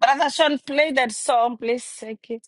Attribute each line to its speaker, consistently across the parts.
Speaker 1: Brother Sean, play that song, please. Okay.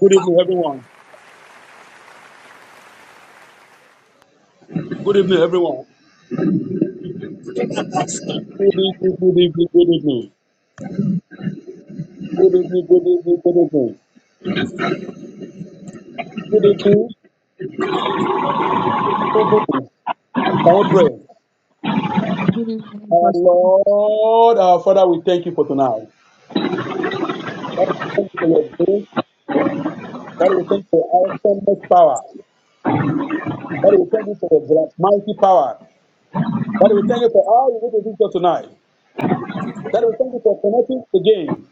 Speaker 2: Good evening, everyone. Good evening, everyone. Good evening, good evening, good evening. Good evening, good evening, good evening. Good evening, good evening. Can we pray?
Speaker 3: Hmm.
Speaker 2: Our Lord, our Father, we thank you for tonight. Father, we thank you for your grace. Father, we thank you for our awesomeness power. Father, we thank you for your great mighty power. Father, we thank you for all you did to us tonight. Father, we thank you for connecting the game.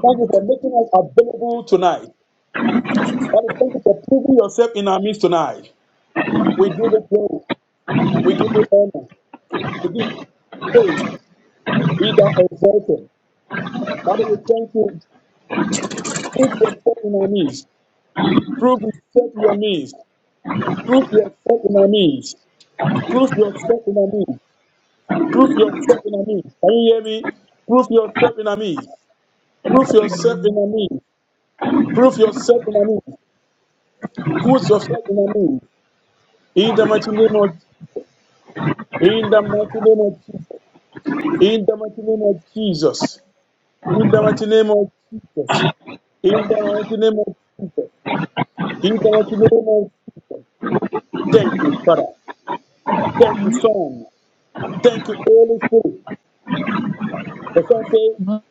Speaker 2: Thank you for making us available tonight. Father, thank you for proving yourself in our midst tonight. We give you glory. We give you honor. Begin to praise. Be thou exalted. Father, we thank you. Prove yourself in our midst. Prove yourself in our midst. Prove yourself in our midst. Prove yourself in our midst. Prove yourself in our midst. Can you hear me? Prove yourself in our midst. Prove yourself in our midst. Prove yourself in our midst. Good yourself in our midst. In the mighty name of in the mighty name of Jesus. In the mighty name of Jesus. In the mighty name of Jesus. In the mighty name of Jesus. He does deliverance. Thank you, Father. Thank you,
Speaker 3: Hmm.
Speaker 2: Son. Thank you, Holy Spirit. The Son say,
Speaker 3: Hmm.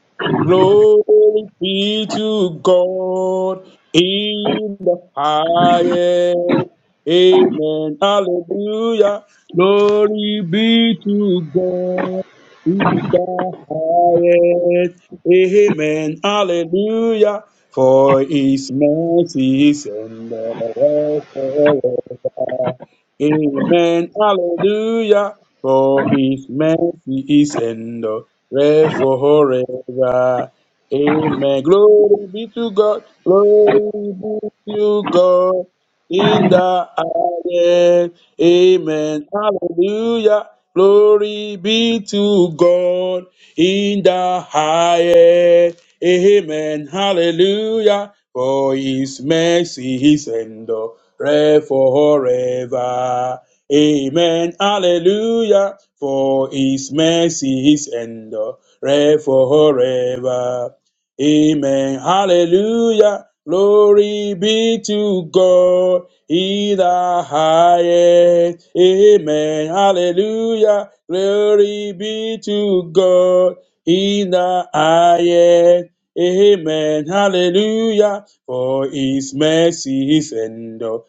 Speaker 2: Glory be to God in the highest. Amen. Hallelujah. Glory be to God in the highest. Amen. Hallelujah. For his mercies endure forever. Amen. Hallelujah. For his mercy is endure. Pray forever. Amen. Glory be to God. Glory be to God in the highest. Amen. Hallelujah. Glory be to God in the highest. Amen. Hallelujah. For his mercy is endure forever. Amen. Hallelujah. For his mercy is endureth forever. Amen. Hallelujah. Glory be to God in the highest. Amen. Hallelujah. Glory be to God in the highest. Amen. Hallelujah. For his mercy is endure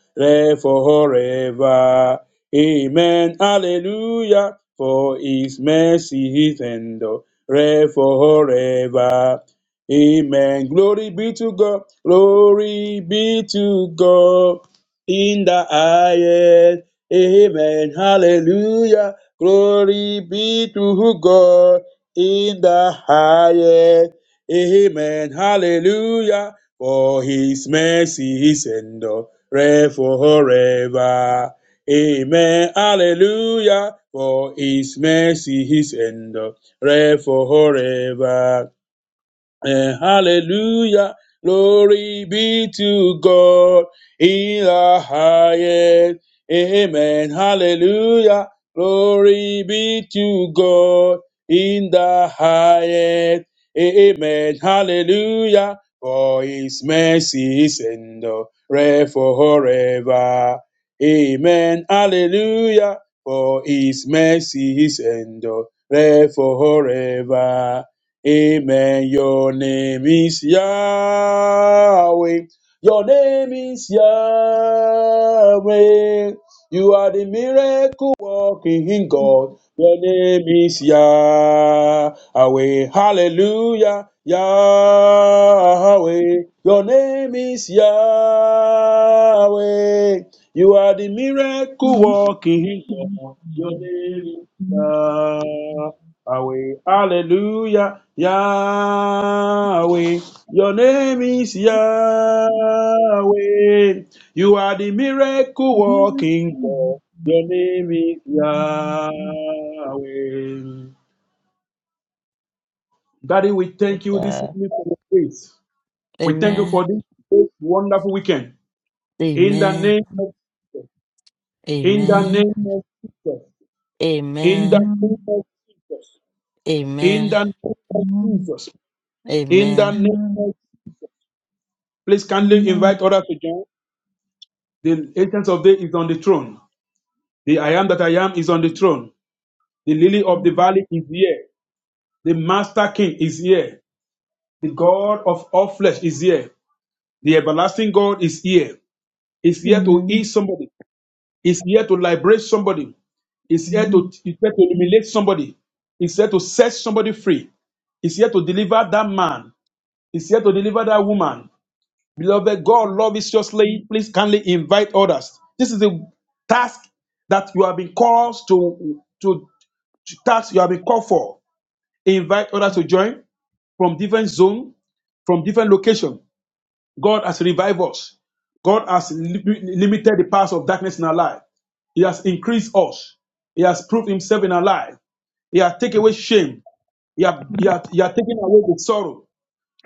Speaker 2: forever. Amen. Hallelujah. For his mercy is endure forever. Amen. Glory be to God. Glory be to God in the highest. Amen. Hallelujah. Glory be to God in the highest. Amen. Hallelujah. For his mercy is endure forever. Amen, hallelujah, for his mercy is endure forever. Eh, hallelujah. Glory be to God in the highest. Amen. Hallelujah. Glory be to God in the highest. Amen. Hallelujah. For his mercies endure forever. Amen. Hallelujah. For his mercies endure forever. Amen. Your name is Yahweh. Your name is Yahweh. You are the miracle working God. Your name is Yahweh. Hallelujah. Yahweh. Your name is Yahweh. You are the miracle working God. Your name is Yahweh. Yahweh, hallelujah, Yahweh, your name is Yahweh. You are the miracle working God. Your name is Yahweh. Daddy, we thank you this
Speaker 1: Okay.
Speaker 2: evening for your grace. We thank you
Speaker 1: Amen.
Speaker 2: for this great, wonderful weekend. In the
Speaker 1: Amen.
Speaker 2: name of Jesus. In the
Speaker 1: Amen.
Speaker 2: name of Jesus. In the
Speaker 1: Amen.
Speaker 2: name of Jesus. In
Speaker 1: Amen.
Speaker 2: the name of Jesus. In the
Speaker 1: Amen.
Speaker 2: name of Jesus. Please kindly invite others to join. The Ancient of Day is on the throne. The I Am that I Am is on the throne. The Lily of the Valley is here. The Master King is here. The God of all flesh is here. The everlasting God is here. Is here to heal somebody. Is here to liberate somebody. Is here to, is here to illuminate somebody. Is here to set somebody free. Is here to deliver that man. Is here to deliver that woman. Beloved, God love is justly. Please kindly invite others. This is the task that you have been called to, to, to task you have been called for. Invite others to join from different zone, from different location. God has revived us. God has li- limited the powers of darkness in our life. He has increased us. He has proved himself in our life. He has taken away shame. He has, he has, he has taken away the sorrow.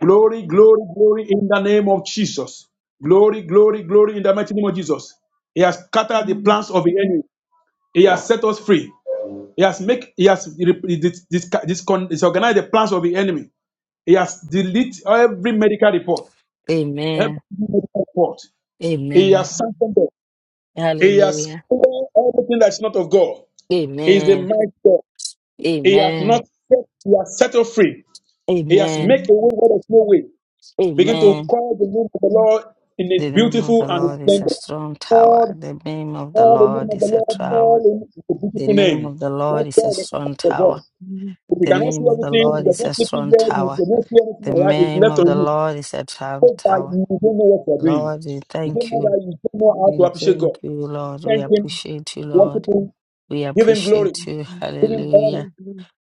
Speaker 2: Glory, glory, glory in the name of Jesus. Glory, glory, glory in the mighty name of Jesus. He has scattered the plans of the enemy. He has set us free. He has make he has re- dis- dis- discon- disorganized the plans of the enemy. He has deleted every medical report, every
Speaker 1: Amen.
Speaker 2: medical report. He
Speaker 1: Amen.
Speaker 2: has sanctioned them. He has
Speaker 1: Hallelujah.
Speaker 2: cleared everything that's not of God. He is the
Speaker 1: Amen.
Speaker 2: mighty God. He has
Speaker 1: Amen.
Speaker 2: not set, he has set us free. He has
Speaker 1: Amen.
Speaker 2: made a way where there's no way. Begin to
Speaker 1: Amen.
Speaker 2: call the name of the Lord in His
Speaker 1: The name of
Speaker 2: beautiful
Speaker 1: the
Speaker 2: and His
Speaker 1: Lord is a
Speaker 2: splendor.
Speaker 1: strong tower.
Speaker 2: Call,
Speaker 1: The name of the
Speaker 2: call the name
Speaker 1: Lord
Speaker 2: of the
Speaker 1: is a
Speaker 2: Lord, call
Speaker 1: tower.
Speaker 2: in the
Speaker 1: The
Speaker 2: beautiful
Speaker 1: name
Speaker 2: name.
Speaker 1: of the Lord
Speaker 2: Let
Speaker 1: is a
Speaker 2: God
Speaker 1: strong
Speaker 2: recognize the
Speaker 1: tower.
Speaker 2: voice. If you
Speaker 1: The
Speaker 2: cannot see
Speaker 1: name of the
Speaker 2: everything,
Speaker 1: Lord
Speaker 2: if you're
Speaker 1: is
Speaker 2: just
Speaker 1: a
Speaker 2: sleeping
Speaker 1: strong
Speaker 2: there, you
Speaker 1: tower.
Speaker 2: cannot see anything,
Speaker 1: The
Speaker 2: all right, it's
Speaker 1: name
Speaker 2: left
Speaker 1: of
Speaker 2: on
Speaker 1: the
Speaker 2: you. So
Speaker 1: Lord is a strong
Speaker 2: that
Speaker 1: tower.
Speaker 2: you don't know what you're doing.
Speaker 1: Lord, we
Speaker 2: You don't
Speaker 1: thank
Speaker 2: know
Speaker 1: you.
Speaker 2: that you don't know how to
Speaker 1: We
Speaker 2: appreciate God.
Speaker 1: thank you, Lord. We
Speaker 2: Thank Him,
Speaker 1: appreciate you,
Speaker 2: worship
Speaker 1: Lord.
Speaker 2: Him,
Speaker 1: We
Speaker 2: give Him glory,
Speaker 1: appreciate you.
Speaker 2: give Him honor.
Speaker 1: Hallelujah.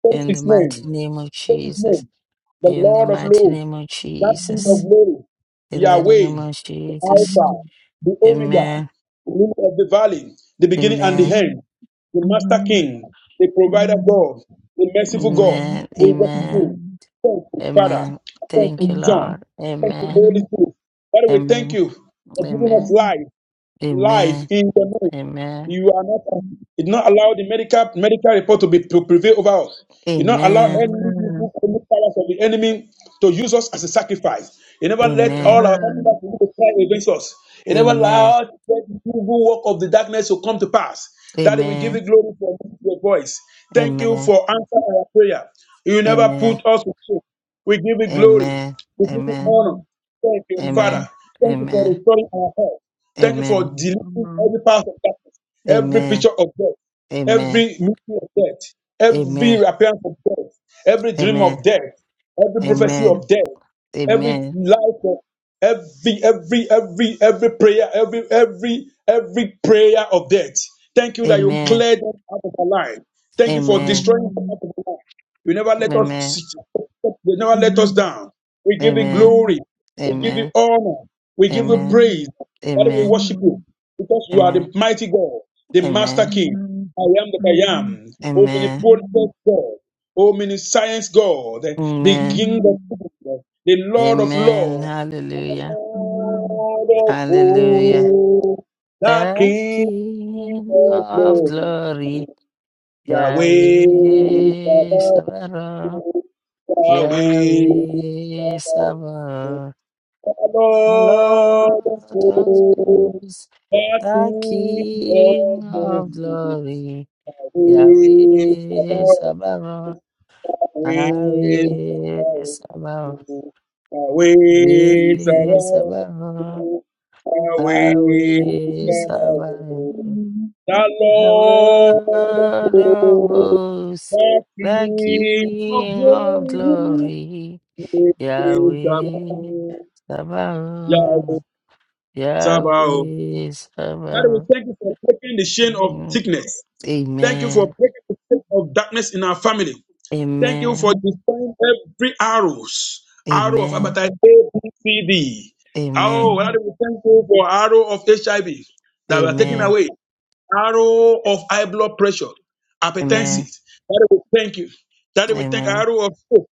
Speaker 2: Take
Speaker 1: In the
Speaker 2: His name,
Speaker 1: mighty name of
Speaker 2: take His
Speaker 1: Jesus.
Speaker 2: name, the
Speaker 1: In the
Speaker 2: Lord of
Speaker 1: mighty
Speaker 2: love.
Speaker 1: name of
Speaker 2: that King of
Speaker 1: Jesus.
Speaker 2: glory,
Speaker 1: In the name
Speaker 2: Yahweh,
Speaker 1: of
Speaker 2: the
Speaker 1: Jesus.
Speaker 2: Alpha,
Speaker 3: Hmm.
Speaker 2: the Omega,
Speaker 1: Amen.
Speaker 2: the Lily of the valley, the beginning and the
Speaker 1: Amen.
Speaker 3: Mhm,
Speaker 2: end, the Master
Speaker 3: mhm,
Speaker 2: King, the Provider
Speaker 3: mhm,
Speaker 2: God, the Merciful God,
Speaker 3: mhm,
Speaker 1: Amen.
Speaker 2: we worship
Speaker 1: Amen.
Speaker 2: you.
Speaker 3: mhm,
Speaker 2: Thank you, Father.
Speaker 1: Amen.
Speaker 2: Thank
Speaker 1: Thank
Speaker 2: you,
Speaker 1: you,
Speaker 2: Son.
Speaker 3: mhm.
Speaker 1: Lord.
Speaker 2: Thank you,
Speaker 1: Amen.
Speaker 2: Holy
Speaker 3: Amen.
Speaker 2: Spirit. Father, we thank
Speaker 1: Amen.
Speaker 2: you for giving us
Speaker 1: Amen.
Speaker 3: Amen.
Speaker 2: life life
Speaker 1: Amen.
Speaker 2: in the move.
Speaker 1: Amen.
Speaker 2: You are not. It not allow the medical medical report to be to prevail over us. It not allow
Speaker 1: Amen.
Speaker 2: any evil,
Speaker 3: Amen.
Speaker 2: any powers of the enemy to use us as a sacrifice. It never let
Speaker 3: Amen.
Speaker 1: Amen.
Speaker 2: all our family
Speaker 3: Amen.
Speaker 2: members begin to cry against us. It never
Speaker 1: Amen.
Speaker 2: allowed the evil work of the darkness to come to pass. That we give
Speaker 1: Amen.
Speaker 2: you glory for your voice. Thank you
Speaker 1: Amen.
Speaker 2: for answering our prayer. You never
Speaker 1: Amen.
Speaker 2: put us to shame. We give you glory.
Speaker 1: Amen.
Speaker 2: We give you
Speaker 1: Amen.
Speaker 2: honor. Thank you, Father.
Speaker 1: Amen.
Speaker 2: Thank you for
Speaker 1: Amen.
Speaker 2: restoring our health. Thank you for
Speaker 1: Amen.
Speaker 2: deleting
Speaker 3: Amen. Amen.
Speaker 2: every part of darkness, every
Speaker 1: Amen.
Speaker 2: picture of death,
Speaker 1: Amen.
Speaker 2: every mystery of death, every
Speaker 1: Amen.
Speaker 2: appearance of death, every dream
Speaker 1: Amen.
Speaker 2: of death, every prophecy
Speaker 1: Amen.
Speaker 2: of death every
Speaker 1: Amen.
Speaker 2: life of every every every every prayer every every every prayer of death thank you that you
Speaker 3: Mhm, mhm.
Speaker 1: Amen.
Speaker 2: cleared them out of our life thank you for
Speaker 1: Amen.
Speaker 2: destroying them out of our life you never let us you never let us
Speaker 3: Amen.
Speaker 2: down we give you
Speaker 1: Amen.
Speaker 3: Amen.
Speaker 2: glory
Speaker 1: Amen.
Speaker 2: we give you
Speaker 1: Amen.
Speaker 2: honor we give you
Speaker 1: Amen.
Speaker 3: Amen.
Speaker 2: praise Father, we
Speaker 1: Amen. Amen.
Speaker 2: worship you because you are
Speaker 1: Amen.
Speaker 2: the mighty God, the Master King.
Speaker 3: Amen.
Speaker 2: I am that I am,
Speaker 3: Amen. Amen.
Speaker 1: Amen.
Speaker 3: Amen.
Speaker 2: omnipotent God. O mini science God, the
Speaker 1: Amen.
Speaker 2: King of Kings, the Lord of
Speaker 1: Amen.
Speaker 2: Lords,
Speaker 1: Hallelujah.
Speaker 3: Amen. Amen.
Speaker 2: Lord of
Speaker 1: Hallelujah.
Speaker 2: hosts, the
Speaker 1: The
Speaker 2: King
Speaker 1: King
Speaker 2: of
Speaker 1: of
Speaker 2: Glory,
Speaker 1: glory.
Speaker 2: Yahweh
Speaker 1: Yahweh
Speaker 2: Sabaoth, Yahweh
Speaker 1: Yahweh
Speaker 2: Sabaoth,
Speaker 1: Sabaoth,
Speaker 2: the
Speaker 1: the
Speaker 2: Lord of
Speaker 1: Lord of
Speaker 2: hosts,
Speaker 1: hosts,
Speaker 2: the
Speaker 1: the
Speaker 2: King
Speaker 1: King
Speaker 2: of
Speaker 1: of
Speaker 2: Glory,
Speaker 1: glory. Yahweh
Speaker 2: Yahweh Sabaoth,
Speaker 1: Sabaoth,
Speaker 2: Yahweh
Speaker 1: Yahweh
Speaker 2: Sabaoth.
Speaker 1: Sabaoth,
Speaker 2: Away,
Speaker 1: Yahweh
Speaker 2: Sarah.
Speaker 1: Sabaoth,
Speaker 2: Away,
Speaker 1: Yahweh
Speaker 2: Sarah.
Speaker 1: Sabaoth,
Speaker 2: The
Speaker 1: the
Speaker 2: Lord of
Speaker 1: Lord of
Speaker 2: hosts,
Speaker 1: hosts,
Speaker 2: the
Speaker 1: the
Speaker 2: King of
Speaker 1: King of
Speaker 2: glory,
Speaker 1: glory.
Speaker 2: is Sarah.
Speaker 1: Yahweh Sabaoth.
Speaker 2: Yahweh, Sabaoth.
Speaker 1: Yahweh
Speaker 2: Father, we
Speaker 1: Sabaoth.
Speaker 2: thank you for breaking the chain of
Speaker 1: Mm.
Speaker 2: sickness. Thank you for
Speaker 1: Amen.
Speaker 2: breaking the chain of darkness in our family. Thank you
Speaker 1: Amen.
Speaker 2: for destroying every arrows, arrow of
Speaker 1: Amen.
Speaker 2: appetite A, B, C, D. Oh,
Speaker 1: Amen.
Speaker 2: Lord,
Speaker 3: Amen.
Speaker 2: we thank you for arrow of HIV that were taken
Speaker 1: Amen.
Speaker 2: away, arrow of high blood pressure, hypertension.
Speaker 1: Amen.
Speaker 2: Lord, we thank you. Lord, we thank
Speaker 1: Amen.
Speaker 2: arrow of hope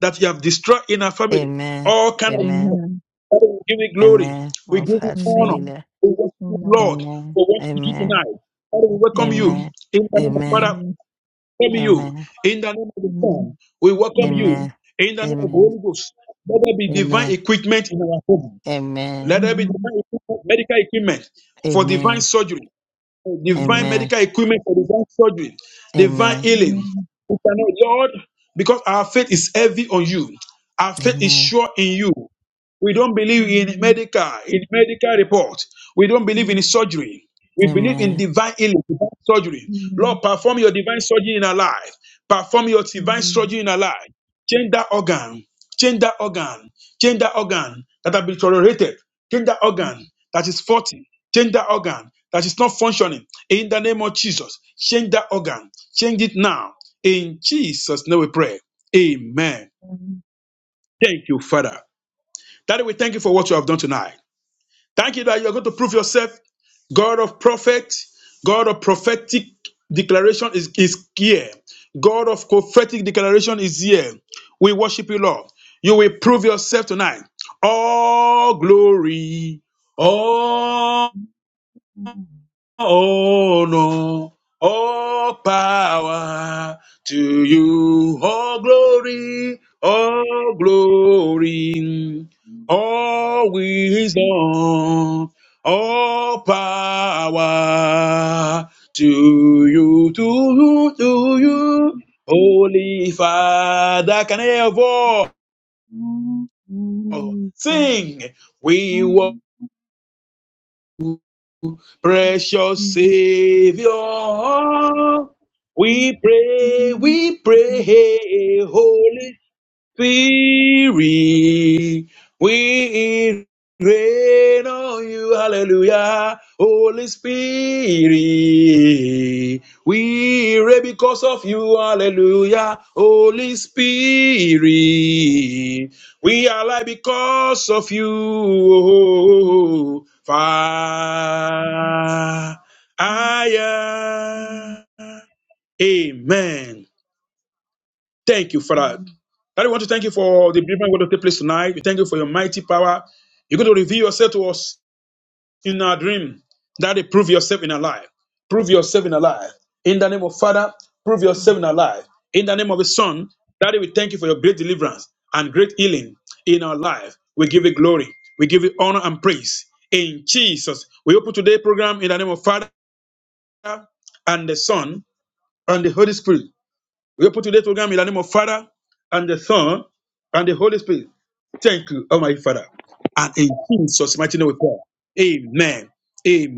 Speaker 2: that you have destroyed in our family.
Speaker 1: Amen.
Speaker 2: All kind of
Speaker 3: Amen.
Speaker 1: Amen.
Speaker 2: people.
Speaker 3: Amen.
Speaker 2: Father, we give you glory.
Speaker 1: Amen.
Speaker 2: We
Speaker 1: I've
Speaker 2: give you
Speaker 1: had
Speaker 2: honor.
Speaker 3: Amen.
Speaker 1: failure.
Speaker 2: We worship you,
Speaker 3: Amen.
Speaker 2: Lord,
Speaker 1: Amen.
Speaker 2: for what you do
Speaker 1: Amen.
Speaker 2: tonight. Father, we welcome you
Speaker 1: Amen.
Speaker 3: Amen.
Speaker 2: in the name of
Speaker 1: Amen.
Speaker 2: Father
Speaker 3: Amen.
Speaker 2: welcome you
Speaker 1: Amen.
Speaker 2: in the name of the Son.
Speaker 3: Amen.
Speaker 2: We welcome you
Speaker 3: Amen.
Speaker 1: Amen.
Speaker 2: in the name of the
Speaker 1: Amen.
Speaker 2: Holy Ghost. Let there be divine
Speaker 1: Amen.
Speaker 2: equipment in our home.
Speaker 1: Amen.
Speaker 2: Let there be divine equipment, medical equipment for divine
Speaker 1: Amen.
Speaker 2: surgery divine
Speaker 3: Amen. Amen.
Speaker 1: Amen.
Speaker 2: medical equipment for divine surgery, divine
Speaker 1: Amen.
Speaker 2: healing.
Speaker 3: Amen.
Speaker 2: We cannot, Lord, because our faith is heavy on you. Our faith is
Speaker 1: Amen.
Speaker 2: sure in you. We don't believe in medical, in medical report. We don't believe in
Speaker 3: Amen.
Speaker 2: surgery. We believe in
Speaker 1: Amen.
Speaker 2: divine healing, divine surgery. Lord, perform your divine surgery in our life. Perform your divine
Speaker 3: Amen.
Speaker 2: surgery in our life. Change that organ. Change that organ. Change that organ that have been tolerated. Change that organ that is faulty. Change that organ that is not functioning. In the name of Jesus, change that organ. Change it now. In Jesus' name we pray. Amen.
Speaker 3: Amen.
Speaker 2: Thank you, Father. Daddy, we thank you for what you have done tonight. Thank you that you are going to prove yourself. God of prophet, God of prophetic declaration is, is here. God of prophetic declaration is here. We worship you, Lord. You will prove yourself tonight. All glory, all Oh no, all power to you, all glory, all glory, all wisdom, all power to you, to you, to
Speaker 3: Amen.
Speaker 2: you, Holy Father. Can I hear a voice? Sing, we Precious Savior, we pray, we pray, hey, Holy Spirit, we rain on you. Hallelujah. Holy Spirit, we reign because of you. Hallelujah. Holy Spirit, we are alive because of you. oh, Fire. Amen. Thank you, Father.
Speaker 3: Amen.
Speaker 2: Daddy, we want to thank you for the briefing going to take place tonight. We thank you for your mighty power. You're going to reveal yourself to us in our dream. Daddy, prove yourself in our life. Prove yourself in our life. In the name of Father, prove yourself in our life. In the name of the Son, Daddy, we thank you for your great deliverance and great healing in our life. We give you glory. We give you honor and praise. In Jesus, we open today's program in the name of Father and the Son and the Holy Spirit. We put today's program in the name of Father and the Son and the Holy Spirit. Thank you, Almighty Father. And in Jesus' mighty name we pray. Amen.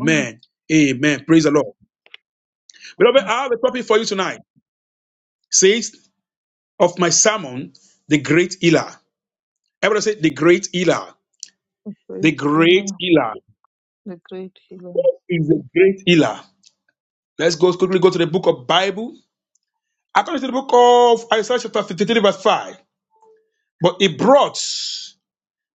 Speaker 3: Oh,
Speaker 2: Amen. Praise the Lord. Beloved, I have a topic for you tonight. Says of my sermon, the great healer. Everybody say the great healer.
Speaker 3: the
Speaker 2: The
Speaker 3: great
Speaker 2: great
Speaker 3: healer,
Speaker 2: healer.
Speaker 3: the great healer.
Speaker 2: Who is the great healer? Let's go quickly go to the book of Bible. According to the book of Isaiah chapter 53, verse 5. But he brought